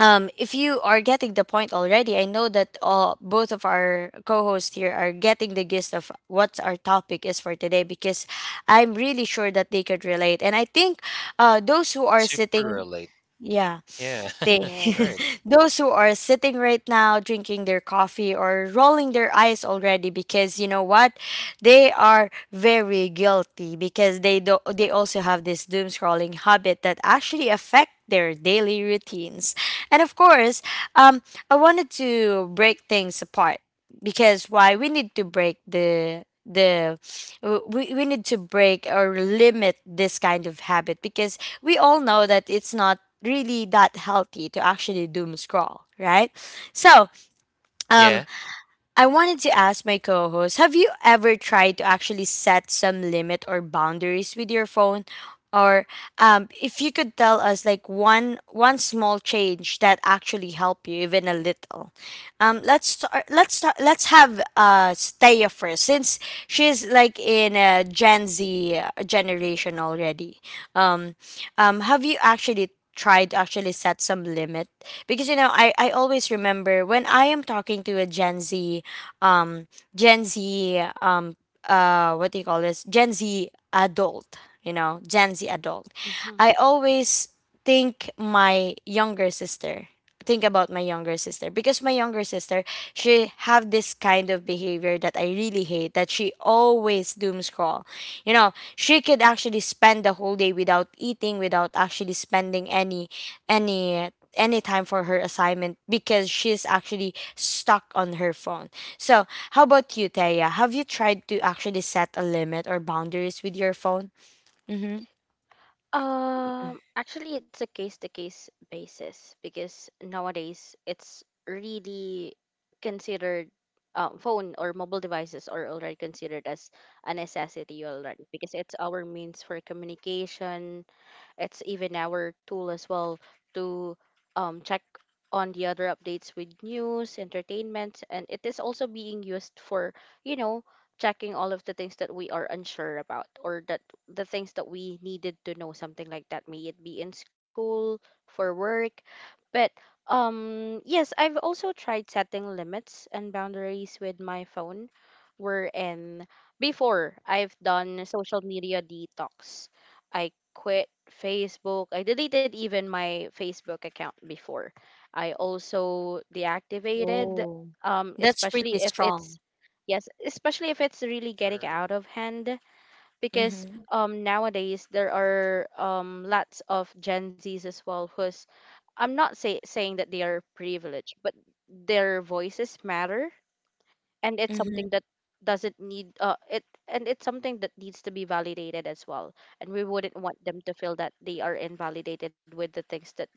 Speaker 1: if you are getting the point already, I know that all both of our co-hosts here are getting the gist of what our topic is for today, because I'm really sure that they could relate, and I think those who are
Speaker 2: Super
Speaker 1: sitting,
Speaker 2: relate.
Speaker 1: yeah,
Speaker 2: Yeah. All
Speaker 1: they,
Speaker 2: right.
Speaker 3: Yes.
Speaker 1: those who are sitting right now drinking their coffee or rolling their eyes already, because you know what, they are very guilty, because they also have this doom scrolling habit that actually affect their daily routines. And of course, um, I wanted to break things apart, because why we need to break we need to break or limit this kind of habit, because we all know that it's not really that healthy to actually doom scroll, right? So, um,
Speaker 2: Yeah.
Speaker 1: I wanted to ask my co host, have you ever tried to actually set some limit or boundaries with your phone? Or if you could tell us like one small change that actually helped you, even a little. Let's have Steya first, since she's like in a Gen Z generation already. Um, have you actually tried to actually set some limit, because you know, I always remember when I am talking to a Gen Z um gen z um what do you call this, Gen Z adult, you know, Gen Z adult.
Speaker 3: Mhm.
Speaker 1: I always think my younger sister, think about my younger sister, because my younger sister, she have this kind of behavior that I really hate, that she always doom scroll. You know, she could actually spend the whole day without eating, without actually spending any any any time for her assignment, because she's actually stuck on her phone. So, how about you, Taya? Have you tried to actually set a limit or boundaries with your phone? Mm-hmm.
Speaker 3: Actually, it's a case to case basis, because nowadays it's really considered phone or mobile devices are already considered as a necessity already because it's our means for communication. It's even our tool as well to check on the other updates with news, entertainment, and it is also being used for, you know, checking all of the things that we are unsure about, or that the things that we needed to know, something like that, may it be in school, for work. But yes, I've also tried setting limits and boundaries with my phone. Wherein before I've done social media detox. I quit Facebook. I deleted even my Facebook account before. I also deactivated,
Speaker 1: Oh, that's pretty
Speaker 3: especially if
Speaker 1: strong.
Speaker 3: it's, yes, especially if it's really getting out
Speaker 2: Sure.
Speaker 3: of hand, because
Speaker 1: Mm-hmm.
Speaker 3: nowadays there are lots of Gen Zs as well who's, I'm not saying that they are privileged, but their voices matter, and it's something
Speaker 1: Mm-hmm.
Speaker 3: that doesn't need it and it's something that needs to be validated as well, and we wouldn't want them to feel that they are invalidated with the things that they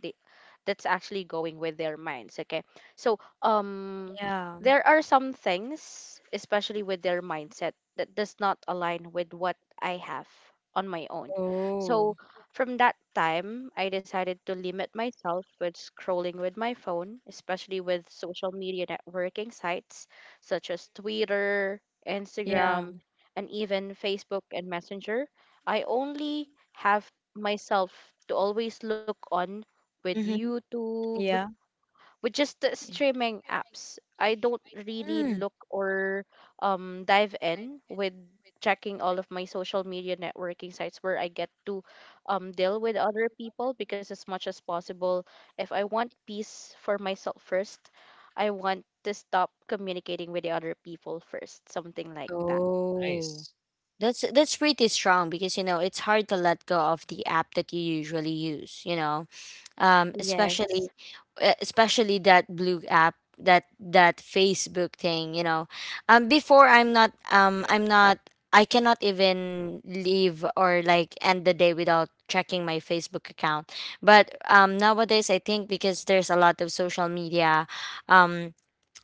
Speaker 3: that's actually going with their minds. Okay. So um
Speaker 1: Yeah.
Speaker 3: there are some things, especially with their mindset, that does not align with what I have on my own.
Speaker 1: Oh,
Speaker 3: So from that time I decided to limit myself with scrolling with my phone, especially with social media networking sites such as Twitter,
Speaker 1: yeah.
Speaker 3: Instagram, and even Facebook and Messenger. I only have myself to always look on with
Speaker 1: Mm-hmm.
Speaker 3: YouTube,
Speaker 1: Yeah.
Speaker 3: with just the streaming apps. I don't really
Speaker 1: Mm.
Speaker 3: look or dive in with checking all of my social media networking sites where I get to deal with other people, because as much as possible, if I want peace for myself first, I want to stop communicating with the other people first, something like that.
Speaker 1: Oh,
Speaker 2: Nice.
Speaker 1: that's pretty strong, because you know it's hard to let go of the app that you usually use, you know. Um,
Speaker 3: Yes.
Speaker 1: especially especially that blue app, that that Facebook thing, you know. Before,
Speaker 2: Yeah.
Speaker 1: I'm not, I cannot even leave or like end the day without checking my Facebook account. But nowadays, I think because there's a lot of social media um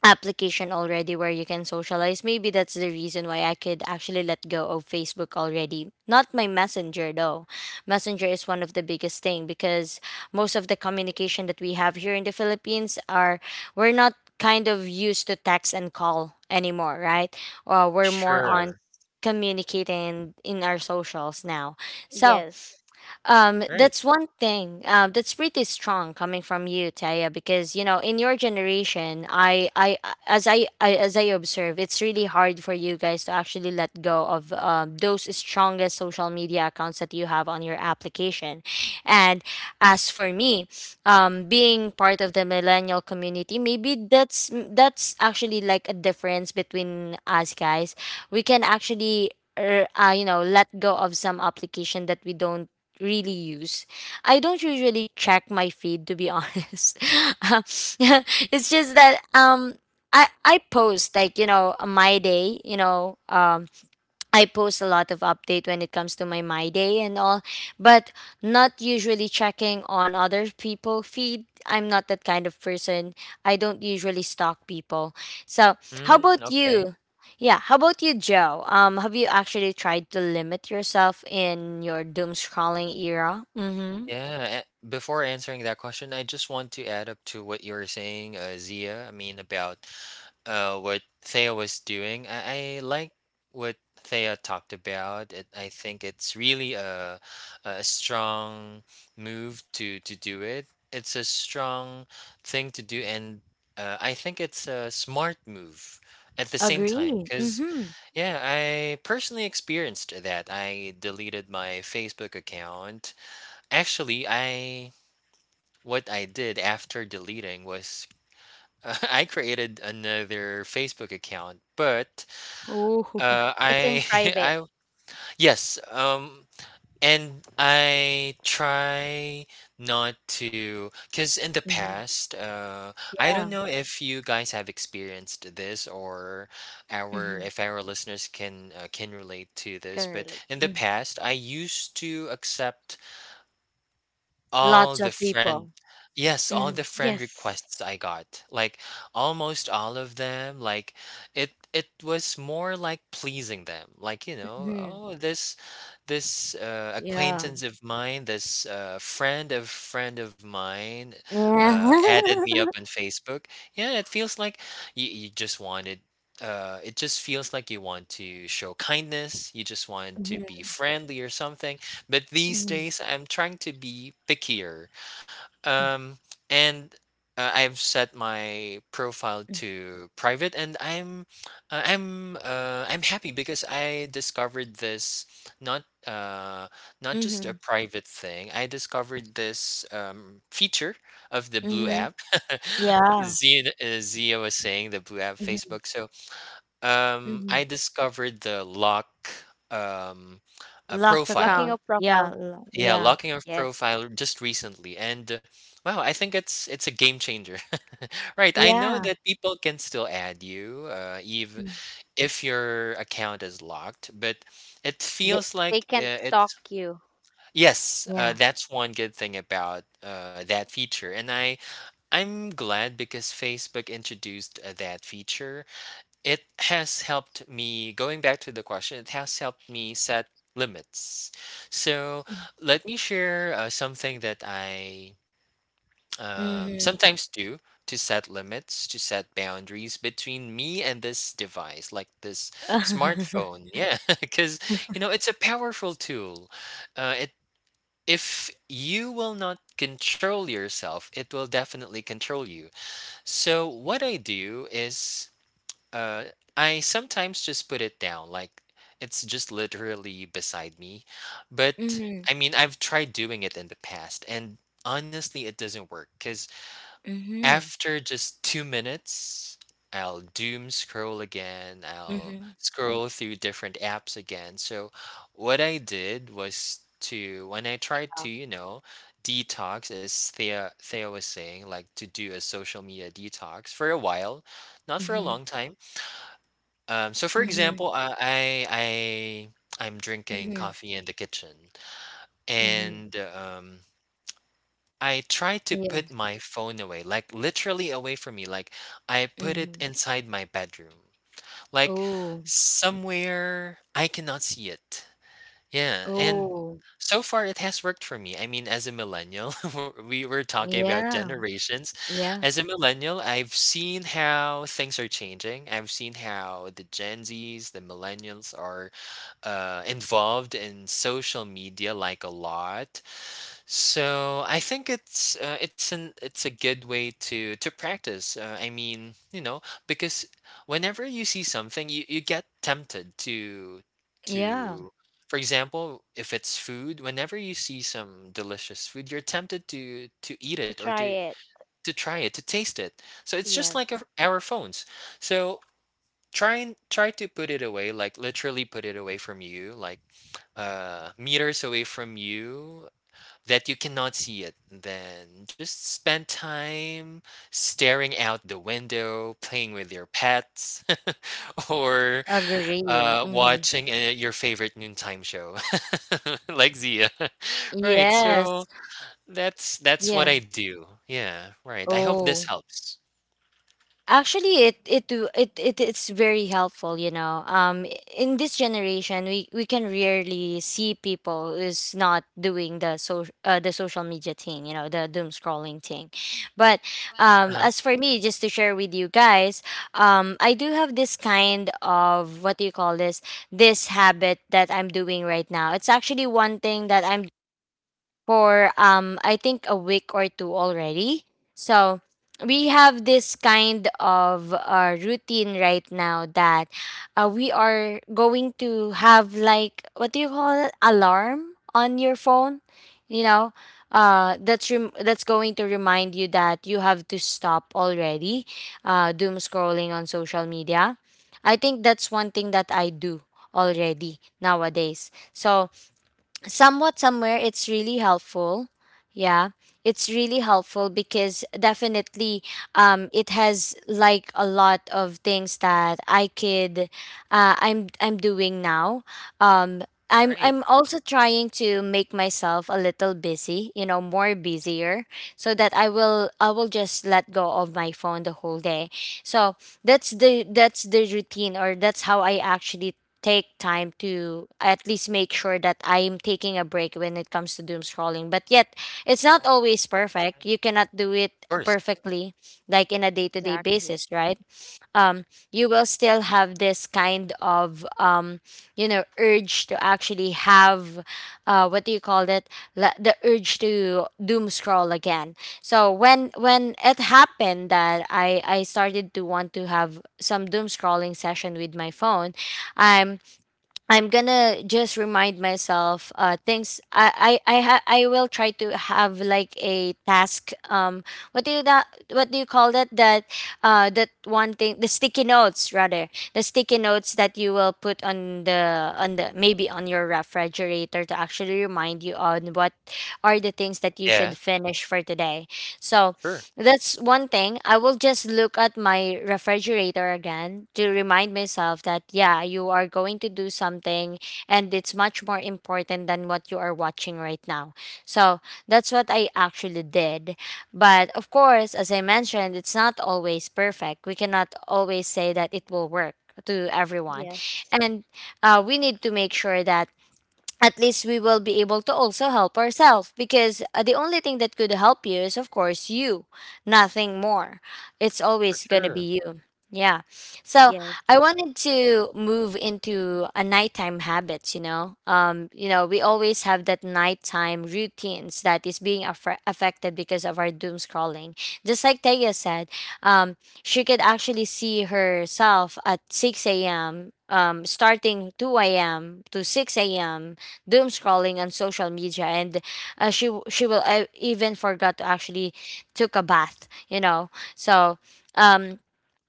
Speaker 1: application already where you can socialize, maybe that's the reason why I could actually let go of Facebook already. Not my Messenger though. Messenger is one of the biggest thing, because most of the communication that we have here in the Philippines are, we're not kind of used to text and call anymore, right? We're more on
Speaker 3: Yes.
Speaker 2: Sure.
Speaker 1: communicating in our socials now. So
Speaker 3: Yes.
Speaker 2: Right.
Speaker 1: that's one thing. That's pretty strong coming from you, Taya, because you know, in your generation, I, as I observe, it's really hard for you guys to actually let go of those strongest social media accounts that you have on your application. And as for me, being part of the millennial community, maybe that's actually like a difference between us guys. We can actually. You know, let go of some application that we don't really use. I don't usually check my feed, to be honest. Um, it's just that I post like, you know, my day, you know, I post a lot of update when it comes to my my day and all, but not usually checking on other people feed. I'm not that kind of person. I don't usually stalk people. So, how
Speaker 2: Mm,
Speaker 1: about
Speaker 2: okay.
Speaker 1: you? Yeah, how about you, Joe? Have you actually tried to limit yourself in your doom scrolling era? Mm-hmm.
Speaker 2: Yeah, before answering that question, I just want to add up to what you were saying, Zia. I mean, about what Thea was doing. I like what Thea talked about. It, I think it's really a strong move to do it. It's a strong thing to do, and I think it's a smart move at the same time.
Speaker 1: Agree.
Speaker 2: Because,
Speaker 1: Mm-hmm.
Speaker 2: yeah, I personally experienced that. I deleted my Facebook account. Actually, I what I did after deleting was I created another Facebook account, but
Speaker 1: Oh.
Speaker 3: It's in
Speaker 2: I
Speaker 3: private
Speaker 2: I yes and I try not to, because in the
Speaker 1: Mhm.
Speaker 2: past, I don't
Speaker 1: Yeah.
Speaker 2: know if you guys have experienced this, or our
Speaker 1: Mm-hmm.
Speaker 2: if our listeners can relate to this, but
Speaker 3: currently.
Speaker 2: in the
Speaker 1: Mm.
Speaker 2: past I used to accept all
Speaker 1: Lots
Speaker 2: the
Speaker 1: of
Speaker 2: friend—
Speaker 1: people.
Speaker 2: yes, all the
Speaker 1: Mm-hmm.
Speaker 2: friend
Speaker 3: Yes.
Speaker 2: requests I got. Like almost all of them, like it was more like pleasing them. Like, you know, oh, this
Speaker 1: Yeah.
Speaker 2: acquaintance of mine, this friend of mine added
Speaker 1: Yeah.
Speaker 2: me up on Facebook. Yeah, it feels like you just wanted it just feels like you want to show kindness, you just want to be friendly or something. But these
Speaker 1: Mhm,
Speaker 2: days, I'm trying to be pickier. Um, and I've set my profile
Speaker 1: mm,
Speaker 2: to private, and I'm happy because I discovered this not, uh, not just a
Speaker 1: mhm,
Speaker 2: private thing. I discovered this feature of the Blue
Speaker 1: mhm.
Speaker 2: app.
Speaker 1: Yeah.
Speaker 2: Zia, Zia was saying the Blue app,
Speaker 1: Mhm,
Speaker 2: Facebook. So
Speaker 1: mhm.
Speaker 2: I discovered the lock um, a
Speaker 1: Lock
Speaker 3: Locking up
Speaker 2: profile,
Speaker 1: account. Yeah,
Speaker 3: profile.
Speaker 1: lo
Speaker 2: yeah,
Speaker 1: yeah,
Speaker 2: locking of
Speaker 3: Yes.
Speaker 2: profile just recently, and wow, I think it's a game changer. Right, I know
Speaker 1: yeah.
Speaker 2: that people can still add you,
Speaker 1: Mm.
Speaker 2: if your account is locked, but it
Speaker 1: The
Speaker 2: feels
Speaker 3: They
Speaker 2: like
Speaker 3: can't
Speaker 2: it's
Speaker 3: stalk you.
Speaker 2: yes,
Speaker 1: Yeah.
Speaker 2: that's one good thing about that feature, and I I'm glad because Facebook introduced that feature. It has helped me, going back to the question, it has helped me set limits. So let me share something that I
Speaker 1: Mhm.
Speaker 2: sometimes do to set limits, to set boundaries between me and this device, like this smartphone, yeah. Because you know it's a powerful tool. It If you will not control yourself, it will definitely control you. So what I do is uh, I sometimes just put it down, like it's just literally beside me. But
Speaker 1: Mhm,
Speaker 2: I mean, I've tried doing it in the past, and honestly, it doesn't work because
Speaker 1: mhm,
Speaker 2: after just 2 minutes, I'll doom scroll again, I'll
Speaker 1: mhm.
Speaker 2: scroll through different apps again. So, what I did was to, when I tried to,
Speaker 1: Um
Speaker 2: you know, detox, as Thea was saying, like to do a social media detox for a while, not for a
Speaker 1: Mhm,
Speaker 2: long time. Um, so for
Speaker 1: mhm,
Speaker 2: example, I I'm drinking
Speaker 1: mhm,
Speaker 2: coffee in the kitchen,
Speaker 1: mhm,
Speaker 2: and um, I try to
Speaker 1: Yeah.
Speaker 2: put my phone away, like literally away from me. Like I put it
Speaker 1: Mhm.
Speaker 2: inside my bedroom. Like
Speaker 1: Oh,
Speaker 2: somewhere I cannot see it. Yeah, and
Speaker 1: oh,
Speaker 2: so far it has worked for me. I mean, as a millennial, we were talking about
Speaker 1: yeah,
Speaker 2: generations.
Speaker 1: yeah,
Speaker 2: As a millennial, I've seen how things are changing. I've seen how the Gen Zs, the millennials are involved in social media like a lot. So I think it's an it's a good way to practice. Because whenever you see something, you get tempted to
Speaker 1: yeah.
Speaker 2: to, for example, if it's food, whenever you see some delicious food, you're tempted to eat
Speaker 3: To
Speaker 2: it or
Speaker 3: try
Speaker 2: to
Speaker 3: it.
Speaker 2: to try it, to taste it. So it's just
Speaker 3: Yes.
Speaker 2: like our phones. So try and try to put it away, like literally put it away from you, like meters away from you that you cannot see it, then just spend time staring out the window, playing with your pets, or
Speaker 1: Agree. Mhm.
Speaker 2: watching your favorite noontime show, like Zia. Right. So
Speaker 1: Yes.
Speaker 2: that's what
Speaker 1: Yeah.
Speaker 2: I do. Yeah. Right. I hope this
Speaker 1: Oh.
Speaker 2: helps.
Speaker 1: Actually, it do- it it's very helpful, you know. In this generation, we can rarely see people who's not doing the the social media thing, you know, the doom scrolling thing. But
Speaker 2: Uh-huh.
Speaker 1: as for me, just to share with you guys, I do have this kind of, what do you call this? This habit that I'm doing right now. It's actually one thing that I'm for I think a week or two already. So we have this kind of routine right now that we are going to have, like, what do you call it, alarm on your phone, you know, that's going to remind you that you have to stop already doom scrolling on social media. I think that's one thing that I do already nowadays. So somewhat, somewhere, it's really helpful, yeah, it's really helpful, because definitely it has like a lot of things that I could I'm doing now. um I'm
Speaker 2: Right.
Speaker 1: I'm also trying to make myself a little busy, you know, more busier, so that I will just let go of my phone the whole day. So that's the routine, or that's how I actually take time to at least make sure that I'm taking a break when it comes to doom scrolling. But yet, it's not
Speaker 2: Oh,
Speaker 1: always perfect. You cannot do
Speaker 2: of
Speaker 1: it
Speaker 2: course.
Speaker 1: perfectly, like in a day to day
Speaker 3: Exactly.
Speaker 1: basis, right? Um, you will still have this kind of, you know, urge to actually have, what do you call it? The urge to doom scroll again. So when it happened that I started to want to have some doom scrolling session with my phone, um I'm gonna just remind myself things I will try to have like a task. What do you call that, that that one thing, the sticky notes, rather the sticky notes that you will put on the, on the, maybe on your refrigerator to actually remind you on what are the things that you
Speaker 2: Yeah.
Speaker 1: should finish for today. So
Speaker 2: Sure.
Speaker 1: that's one thing. I will just look at my refrigerator again to remind myself that, yeah, you are going to do something, and it's much more important than what you are watching right now. So that's what I actually did. But of course, as I mentioned, it's not always perfect. We cannot always say that it will work to everyone.
Speaker 3: Yes,
Speaker 1: And we need to make sure that at least we will be able to also help ourselves, because the only thing that could help you is, of course, you. Nothing more. It's
Speaker 2: For
Speaker 1: always going to
Speaker 2: sure.
Speaker 1: be you. Yeah. So
Speaker 3: yes.
Speaker 1: I wanted to move into a nighttime habits, you know. You know, we always have that nighttime routines that is being affected because of our doom scrolling, just like Taya said. um she could actually see herself at 6 a.m., starting 2 a.m. to 6 a.m. doom scrolling on social media. And she will, even forgot to actually took a bath, you know. So, um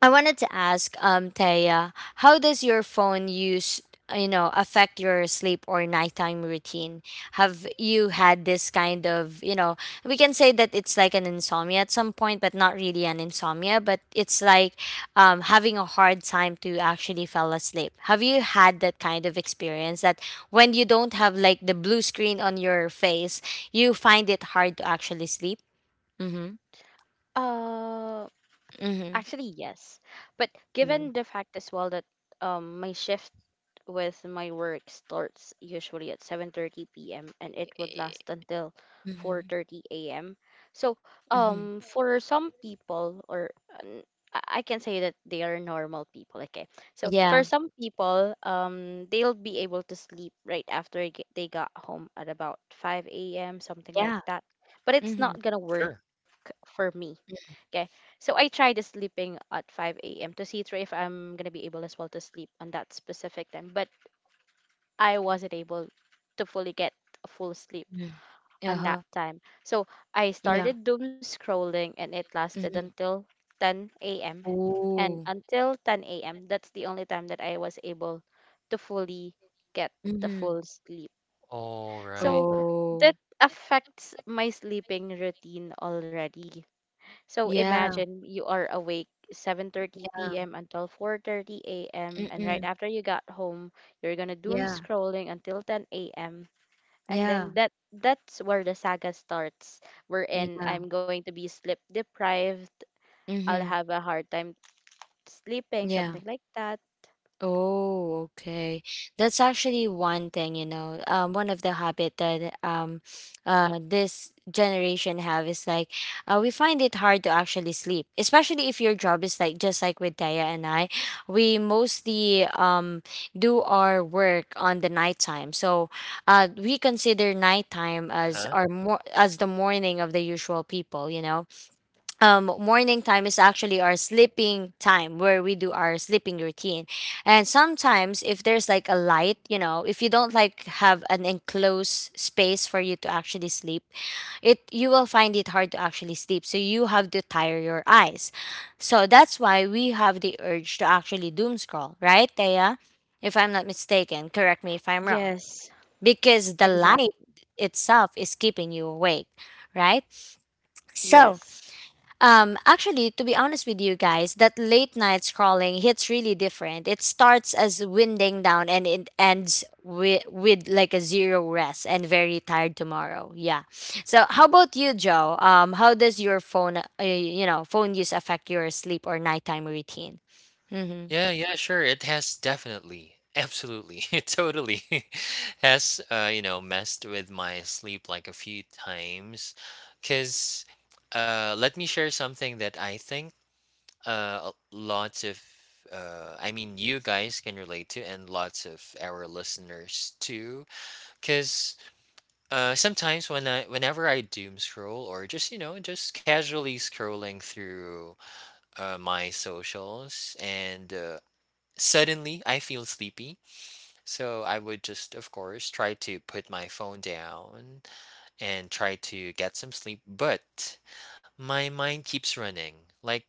Speaker 1: I wanted to ask, Taya, how does your phone use, you know, affect your sleep or nighttime routine? Have you had this kind of, you know, we can say that it's like an insomnia at some point, but not really an insomnia, but it's like, having a hard time to actually fall asleep. Have you had that kind of experience that when you don't have like the blue screen on your face, you find it hard to actually sleep? Mm-hmm.
Speaker 3: Uh,
Speaker 1: Mm-hmm.
Speaker 3: Actually, yes. But given the
Speaker 1: Mm-hmm.
Speaker 3: fact as well that my shift with my work starts usually at 7:30 p.m. and it would last until 4:30 a.m. So,
Speaker 1: Mm-hmm.
Speaker 3: for some people, or um, I can say that they are normal people, okay. So for
Speaker 1: Yeah,
Speaker 3: some people, they'll be able to sleep right after they they got home at about 5 a.m., something like
Speaker 1: yeah.
Speaker 3: that. But it's not
Speaker 1: Mhm,
Speaker 3: going to work
Speaker 2: Sure.
Speaker 3: for me. Okay. So I tried this sleeping at 5 a.m. to see through if I'm going to be able as well to sleep on that specific time. But I wasn't able to fully get a full sleep
Speaker 1: mhm.
Speaker 3: on that
Speaker 1: Uh-huh.
Speaker 3: time. So I
Speaker 1: Yeah.
Speaker 3: started doom scrolling and it lasted
Speaker 1: Mhm.
Speaker 3: until 10 a.m. And
Speaker 1: Ooh.
Speaker 3: until 10 a.m., that's the only time that I was able to fully get the
Speaker 1: Mhm.
Speaker 3: full sleep.
Speaker 2: All right.
Speaker 3: So
Speaker 1: Oh.
Speaker 3: that affects my sleeping routine already. So
Speaker 1: Yeah.
Speaker 3: imagine you are awake 7:30
Speaker 1: Yeah.
Speaker 3: p.m. until 4:30 a.m., and right
Speaker 1: Mm-mm.
Speaker 3: after you got home, you're going to doom
Speaker 1: Yeah.
Speaker 3: scrolling until 10 a.m., and then
Speaker 1: Yeah.
Speaker 3: that's where the saga starts, wherein
Speaker 1: Yeah.
Speaker 3: I'm going to be sleep deprived, I'll
Speaker 1: Mhm.
Speaker 3: have a hard time sleeping,
Speaker 1: Yeah.
Speaker 3: something like that.
Speaker 1: Oh, okay. That's actually one thing, you know. One of the habit that, this generation have is like, we find it hard to actually sleep, especially if your job is like, just like with Taya and I, we mostly do our work on the nighttime. So, we consider nighttime
Speaker 2: Uh
Speaker 1: as
Speaker 2: huh.
Speaker 1: our, more as the morning of the usual people, you know. Morning time is actually our sleeping time, where we do our sleeping routine. And sometimes, if there's like a light, you know, if you don't like have an enclosed space for you to actually sleep, it you will find it hard to actually sleep. So you have to tire your eyes. So that's why we have the urge to actually doom scroll, right, Thea? If I'm not mistaken, correct me if I'm wrong,
Speaker 3: Yes.
Speaker 1: because the
Speaker 3: Exact.
Speaker 1: light itself is keeping you awake, right?
Speaker 3: Yes.
Speaker 1: So, actually, to be honest with you guys, that late night scrolling hits really different. It starts as winding down and it ends with like a zero rest and very tired tomorrow. Yeah. So, how about you, Joe? How does your phone, you know, phone use affect your sleep or nighttime routine? Mm-hmm.
Speaker 2: Yeah, yeah, sure. It has definitely, absolutely, it totally has, you know, messed with my sleep like a few times. Because let me share something that I think uh, lots of, I mean, you guys can relate to, and lots of our listeners too. Because sometimes whenever I doom scroll or just, you know, just casually scrolling through my socials and suddenly, I feel sleepy, so I would just, of course, try to put my phone down and try to get some sleep, but my mind keeps running. Like,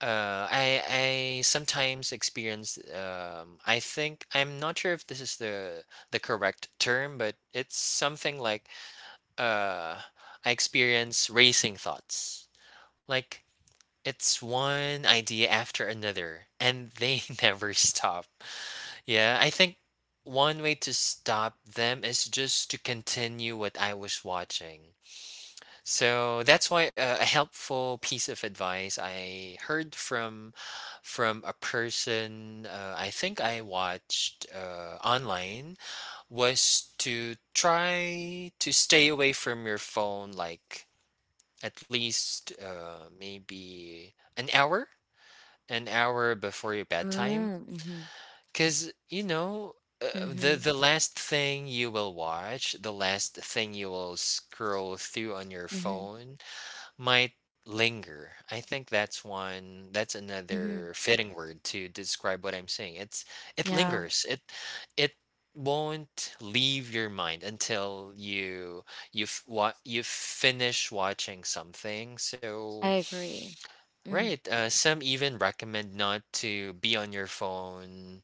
Speaker 2: I sometimes experience, I think I'm not sure if this is the correct term, but it's something like, uh, I experience racing thoughts. Like, it's one idea after another, and they never stop. Yeah, I think one way to stop them is just to continue what I was watching. So that's why a helpful piece of advice I heard from a person I think I watched online was to try to stay away from your phone like at least maybe an hour an hour before your bedtime
Speaker 1: Mm-hmm.
Speaker 2: because, you know, uh, the
Speaker 1: Mm-hmm.
Speaker 2: the last thing you will watch, the last thing you will scroll through on your
Speaker 1: Mm-hmm.
Speaker 2: phone might linger. I think that's one, that's
Speaker 1: Mm-hmm.
Speaker 2: another fitting word to describe what I'm saying. It's it
Speaker 1: Yeah,
Speaker 2: lingers. It won't leave your mind until you what you finish watching something. So,
Speaker 1: I agree. Mm-hmm.
Speaker 2: right, some even recommend not to be on your phone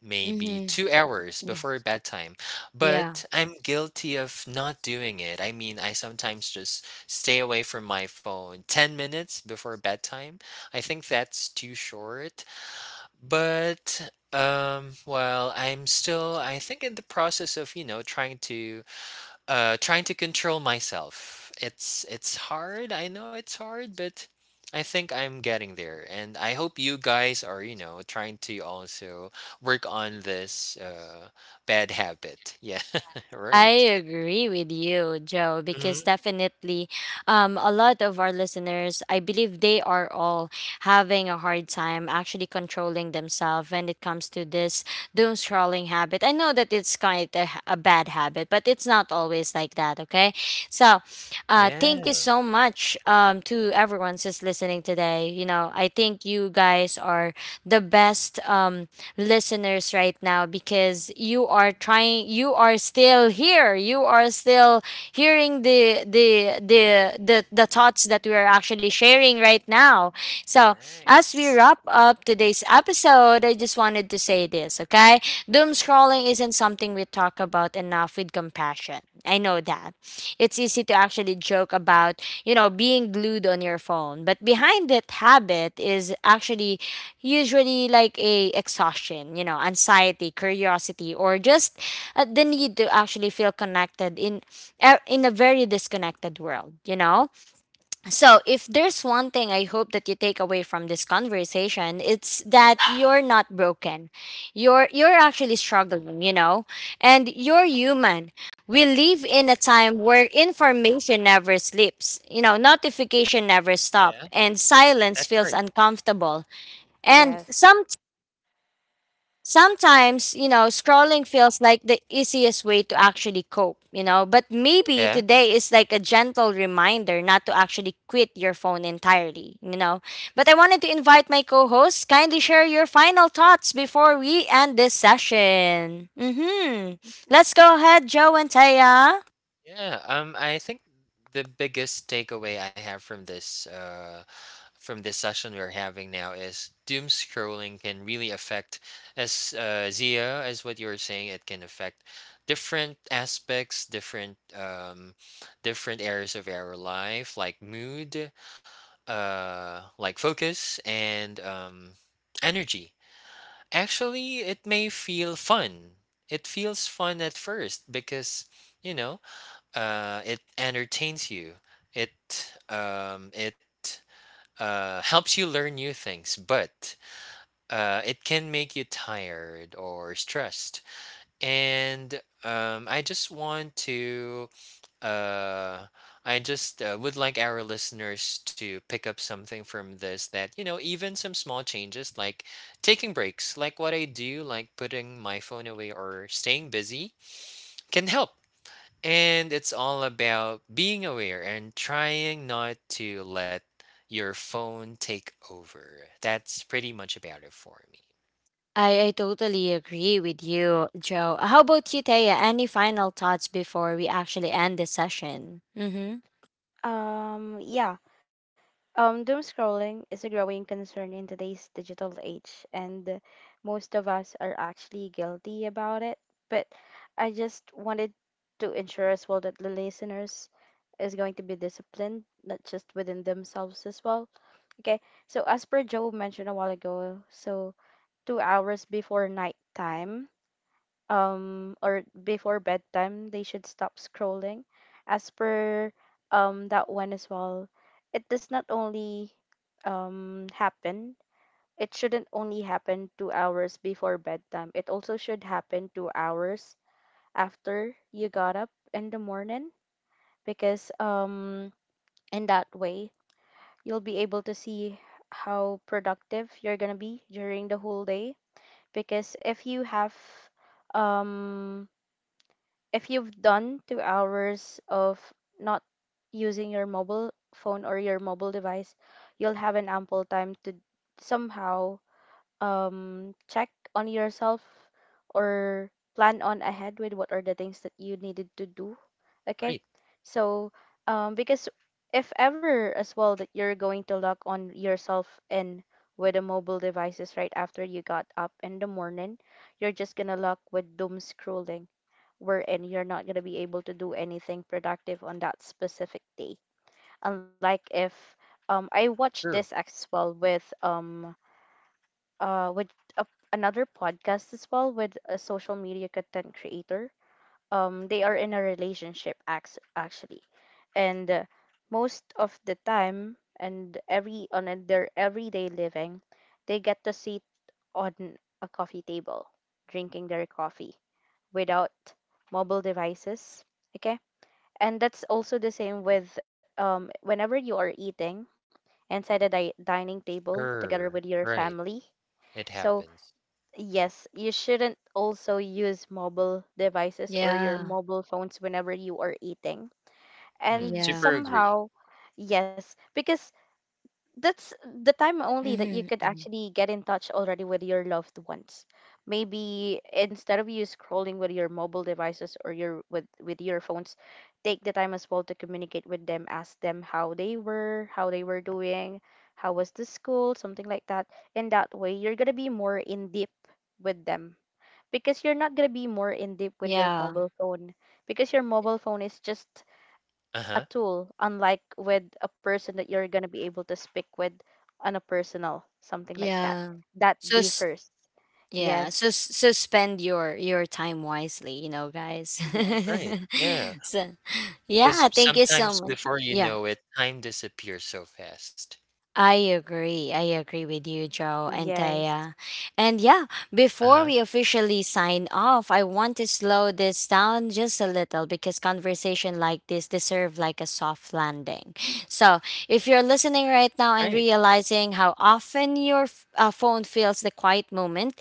Speaker 2: maybe
Speaker 1: Mm-hmm.
Speaker 2: 2 hours
Speaker 1: Yeah.
Speaker 2: before bedtime.
Speaker 1: Yeah.
Speaker 2: But I'm guilty of not doing it. I mean, I sometimes just stay away from my phone 10 minutes before bedtime. I think that's too short. But, well, I'm still, I think, in the process of, you know, trying to trying to control myself. It's hard. I know it's hard, but I think I'm getting there, and I hope you guys are, you know, trying to also work on this bad habit. Yeah, right.
Speaker 1: I agree with you, Joe,
Speaker 2: Hmm.
Speaker 1: because definitely, a lot of our listeners, I believe they are all having a hard time actually controlling themselves when it comes to this doom scrolling habit. I know that it's kind of a bad habit, but it's not always like that, okay? So, thank you
Speaker 2: Yeah.
Speaker 1: so much, to everyone just listening today. You know, I think you guys are the best. Listeners right now, because you are trying, you are still here, you are still hearing the, the thoughts that we are actually sharing right now. So as we
Speaker 2: Nice.
Speaker 1: wrap up today's episode, I just wanted to say this, okay? Doom scrolling isn't something we talk about enough with compassion. I know that it's easy to actually joke about, you know, being glued on your phone, but behind that habit is actually usually like a exhaustion, you know, anxiety, curiosity, or just the need to actually feel connected in, in a very disconnected world, you know. So if there's one thing I hope that you take away from this conversation, it's that you're not broken, you're actually struggling, you know, and you're human. We live in a time where information never sleeps, you know, notification never
Speaker 2: Yeah,
Speaker 1: stop, and silence
Speaker 2: that's
Speaker 1: feels
Speaker 2: great.
Speaker 1: uncomfortable and some.
Speaker 3: Yes.
Speaker 1: Sometimes, you know, scrolling feels like the easiest way to actually cope, you know, but maybe
Speaker 2: Yeah.
Speaker 1: today is like a gentle reminder not to actually quit your phone entirely, you know. But I wanted to invite my co hosts, kindly share your final thoughts before we end this session. Mm-hmm. Let's go ahead, Joe and Taya.
Speaker 2: Yeah, I think the biggest takeaway I have from this session we're having now is doom scrolling can really affect as Zia as what you were saying, it can affect different aspects, different areas of our life, like mood, like focus and energy. Actually, it may feel fun. It feels fun at first because you know it entertains you it helps you learn new things but it can make you tired or stressed and I just want to uh, I just would like our listeners to pick up something from this that you know even some small changes like taking breaks like what I do like putting my phone away or staying busy can help and it's all about being aware and trying not to let your phone take over. That's pretty much about it for me.
Speaker 1: I totally agree with you, Joe. How about you, Taya? Any final thoughts before we actually end this session? Mm-hmm.
Speaker 3: Yeah. Doom scrolling is a growing concern in today's digital age, and most of us are actually guilty about it, but I just wanted to ensure as well that the listeners is going to be disciplined, not just within themselves as well. Okay, so as per Joe mentioned a while ago, so 2 hours before nighttime, or before bedtime, they should stop scrolling. As per that one as well, it does not only happen. It shouldn't only happen 2 hours before bedtime. It also should happen 2 hours after you got up in the morning, because in that way you'll be able to see how productive you're going to be during the whole day, because if you have um if you've done 2 hours of not using your mobile phone or your mobile device, you'll have an ample time to somehow check on yourself, or plan on ahead with what are the things that you needed to do. Okay,
Speaker 2: Right.
Speaker 3: so because if ever as well that you're going to log on yourself in with the mobile devices right after you got up in the morning, you're just gonna log with doom scrolling, wherein you're not going to be able to do anything productive on that specific day, unlike if I watched
Speaker 2: Sure.
Speaker 3: this as well with a, another podcast as well with a social media content creator. They are in a relationship, actually, and most of the time, and every on their everyday living, they get to sit on a coffee table drinking their coffee without mobile devices. Okay, and that's also the same with, whenever you are eating inside a dining table together with
Speaker 2: Sure.
Speaker 3: your
Speaker 2: Right.
Speaker 3: family.
Speaker 2: It
Speaker 3: So
Speaker 2: happens.
Speaker 3: yes, you shouldn't also use mobile devices or your
Speaker 1: Yeah.
Speaker 3: mobile phones whenever you are eating.
Speaker 2: Hmm.
Speaker 3: And
Speaker 1: Yeah.
Speaker 2: Super agree.
Speaker 3: somehow, yes, because that's the time only that you
Speaker 1: Mm-hmm.
Speaker 3: could
Speaker 1: Hmm.
Speaker 3: actually get in touch already with your loved ones. Maybe instead of you scrolling with your mobile devices, or your with your phones, take the time as well to communicate with them, ask them how they were doing, how was the school, something like that. In that way, you're gonna be more in deep with them, because you're not going to be more in deep with your
Speaker 1: Yeah.
Speaker 3: mobile phone, because your mobile phone is just
Speaker 2: Uh
Speaker 3: a
Speaker 2: huh.
Speaker 3: tool, unlike with a person that you're going to be able to speak with on a personal, something like that,
Speaker 1: Yeah.
Speaker 3: that
Speaker 1: So s-
Speaker 3: differs.
Speaker 1: yeah,
Speaker 3: Yes.
Speaker 1: so spend your time wisely, you know, guys.
Speaker 3: Yes.
Speaker 2: Right. Yeah.
Speaker 1: So
Speaker 2: Because
Speaker 1: yeah, thank you so
Speaker 2: sometimes
Speaker 1: much.
Speaker 2: before you
Speaker 1: Yeah.
Speaker 2: know it, time disappears so fast.
Speaker 1: I agree. I agree with you, Joe and
Speaker 3: Yes,
Speaker 1: Taya. And yeah,
Speaker 2: Uh
Speaker 1: before
Speaker 2: huh.
Speaker 1: we officially sign off, I want to slow this down just a little, because conversation like this deserve like a soft landing. So, if you're listening right now and
Speaker 2: Right.
Speaker 1: realizing how often your phone feels the quiet moment,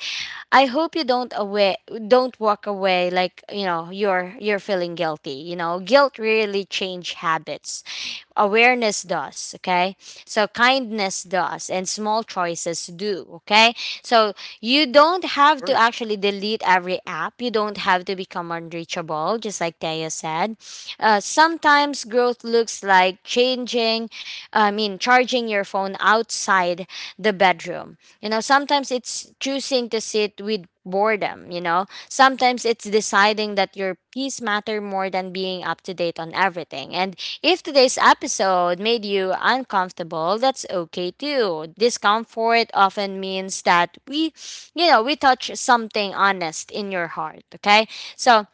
Speaker 1: I hope you don't walk away like, you know, you're feeling guilty. You know, guilt really change habits, awareness does, okay? So kindness does, and small choices do, okay? So you don't
Speaker 2: Of
Speaker 1: have to
Speaker 2: course.
Speaker 1: actually delete every app, you don't have to become unreachable, just like Taya said. Sometimes growth looks like changing I mean charging your phone outside the bedroom, you know. Sometimes it's choosing to sit with boredom, you know. Sometimes it's deciding that your peace matter more than being up to date on everything. And if today's episode made you uncomfortable, that's okay too. Discomfort often means that we, you know, we touch something honest in your heart, okay? So,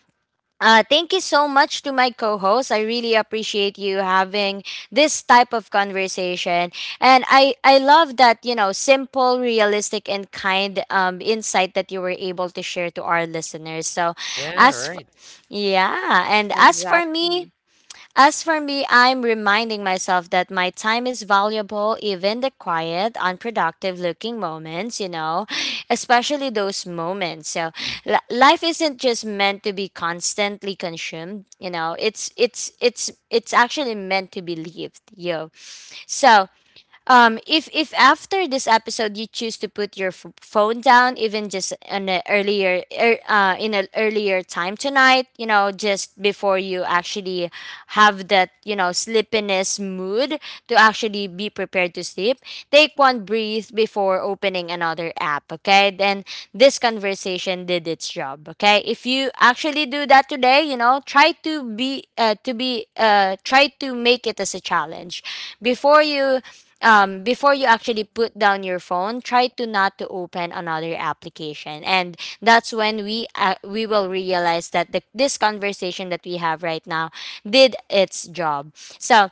Speaker 1: thank you so much to my co host. I really appreciate you having this type of conversation. And I love that, you know, simple, realistic, and kind, insight that you were able to share to our listeners. So,
Speaker 2: Yeah.
Speaker 1: as for,
Speaker 2: Right.
Speaker 1: yeah, and
Speaker 3: exactly.
Speaker 1: as for me, I'm reminding myself that my time is valuable, even the quiet, unproductive looking moments, you know, especially those moments. So life isn't just meant to be constantly consumed, you know, it's actually meant to be lived, yo. So, if after this episode you choose to put your phone down, even just in an earlier time tonight, you know, just before you actually have that, you know, sleepiness mood to actually be prepared to sleep, take one breath before opening another app. Okay, then this conversation did its job. Okay, if you actually do that today, you know, try to be, try to make it as a challenge before you, before you actually put down your phone, try to not to open another application, and that's when we, we will realize that this conversation that we have right now did its job. So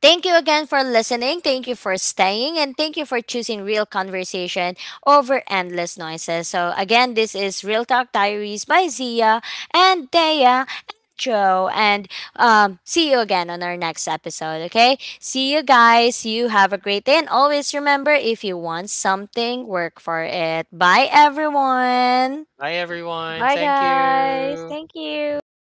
Speaker 1: thank you again for listening. Thank you for staying, and thank you for choosing real conversation over endless noises. So again, this is Real Talk Diaries by Zia and Dea. Joe, and see you again on our next episode, okay? See you guys. You have a great day. And always remember, if you want something, work for it. Bye, everyone.
Speaker 2: Bye, everyone.
Speaker 3: Bye
Speaker 2: Thank
Speaker 3: guys,
Speaker 2: you.
Speaker 3: thank you.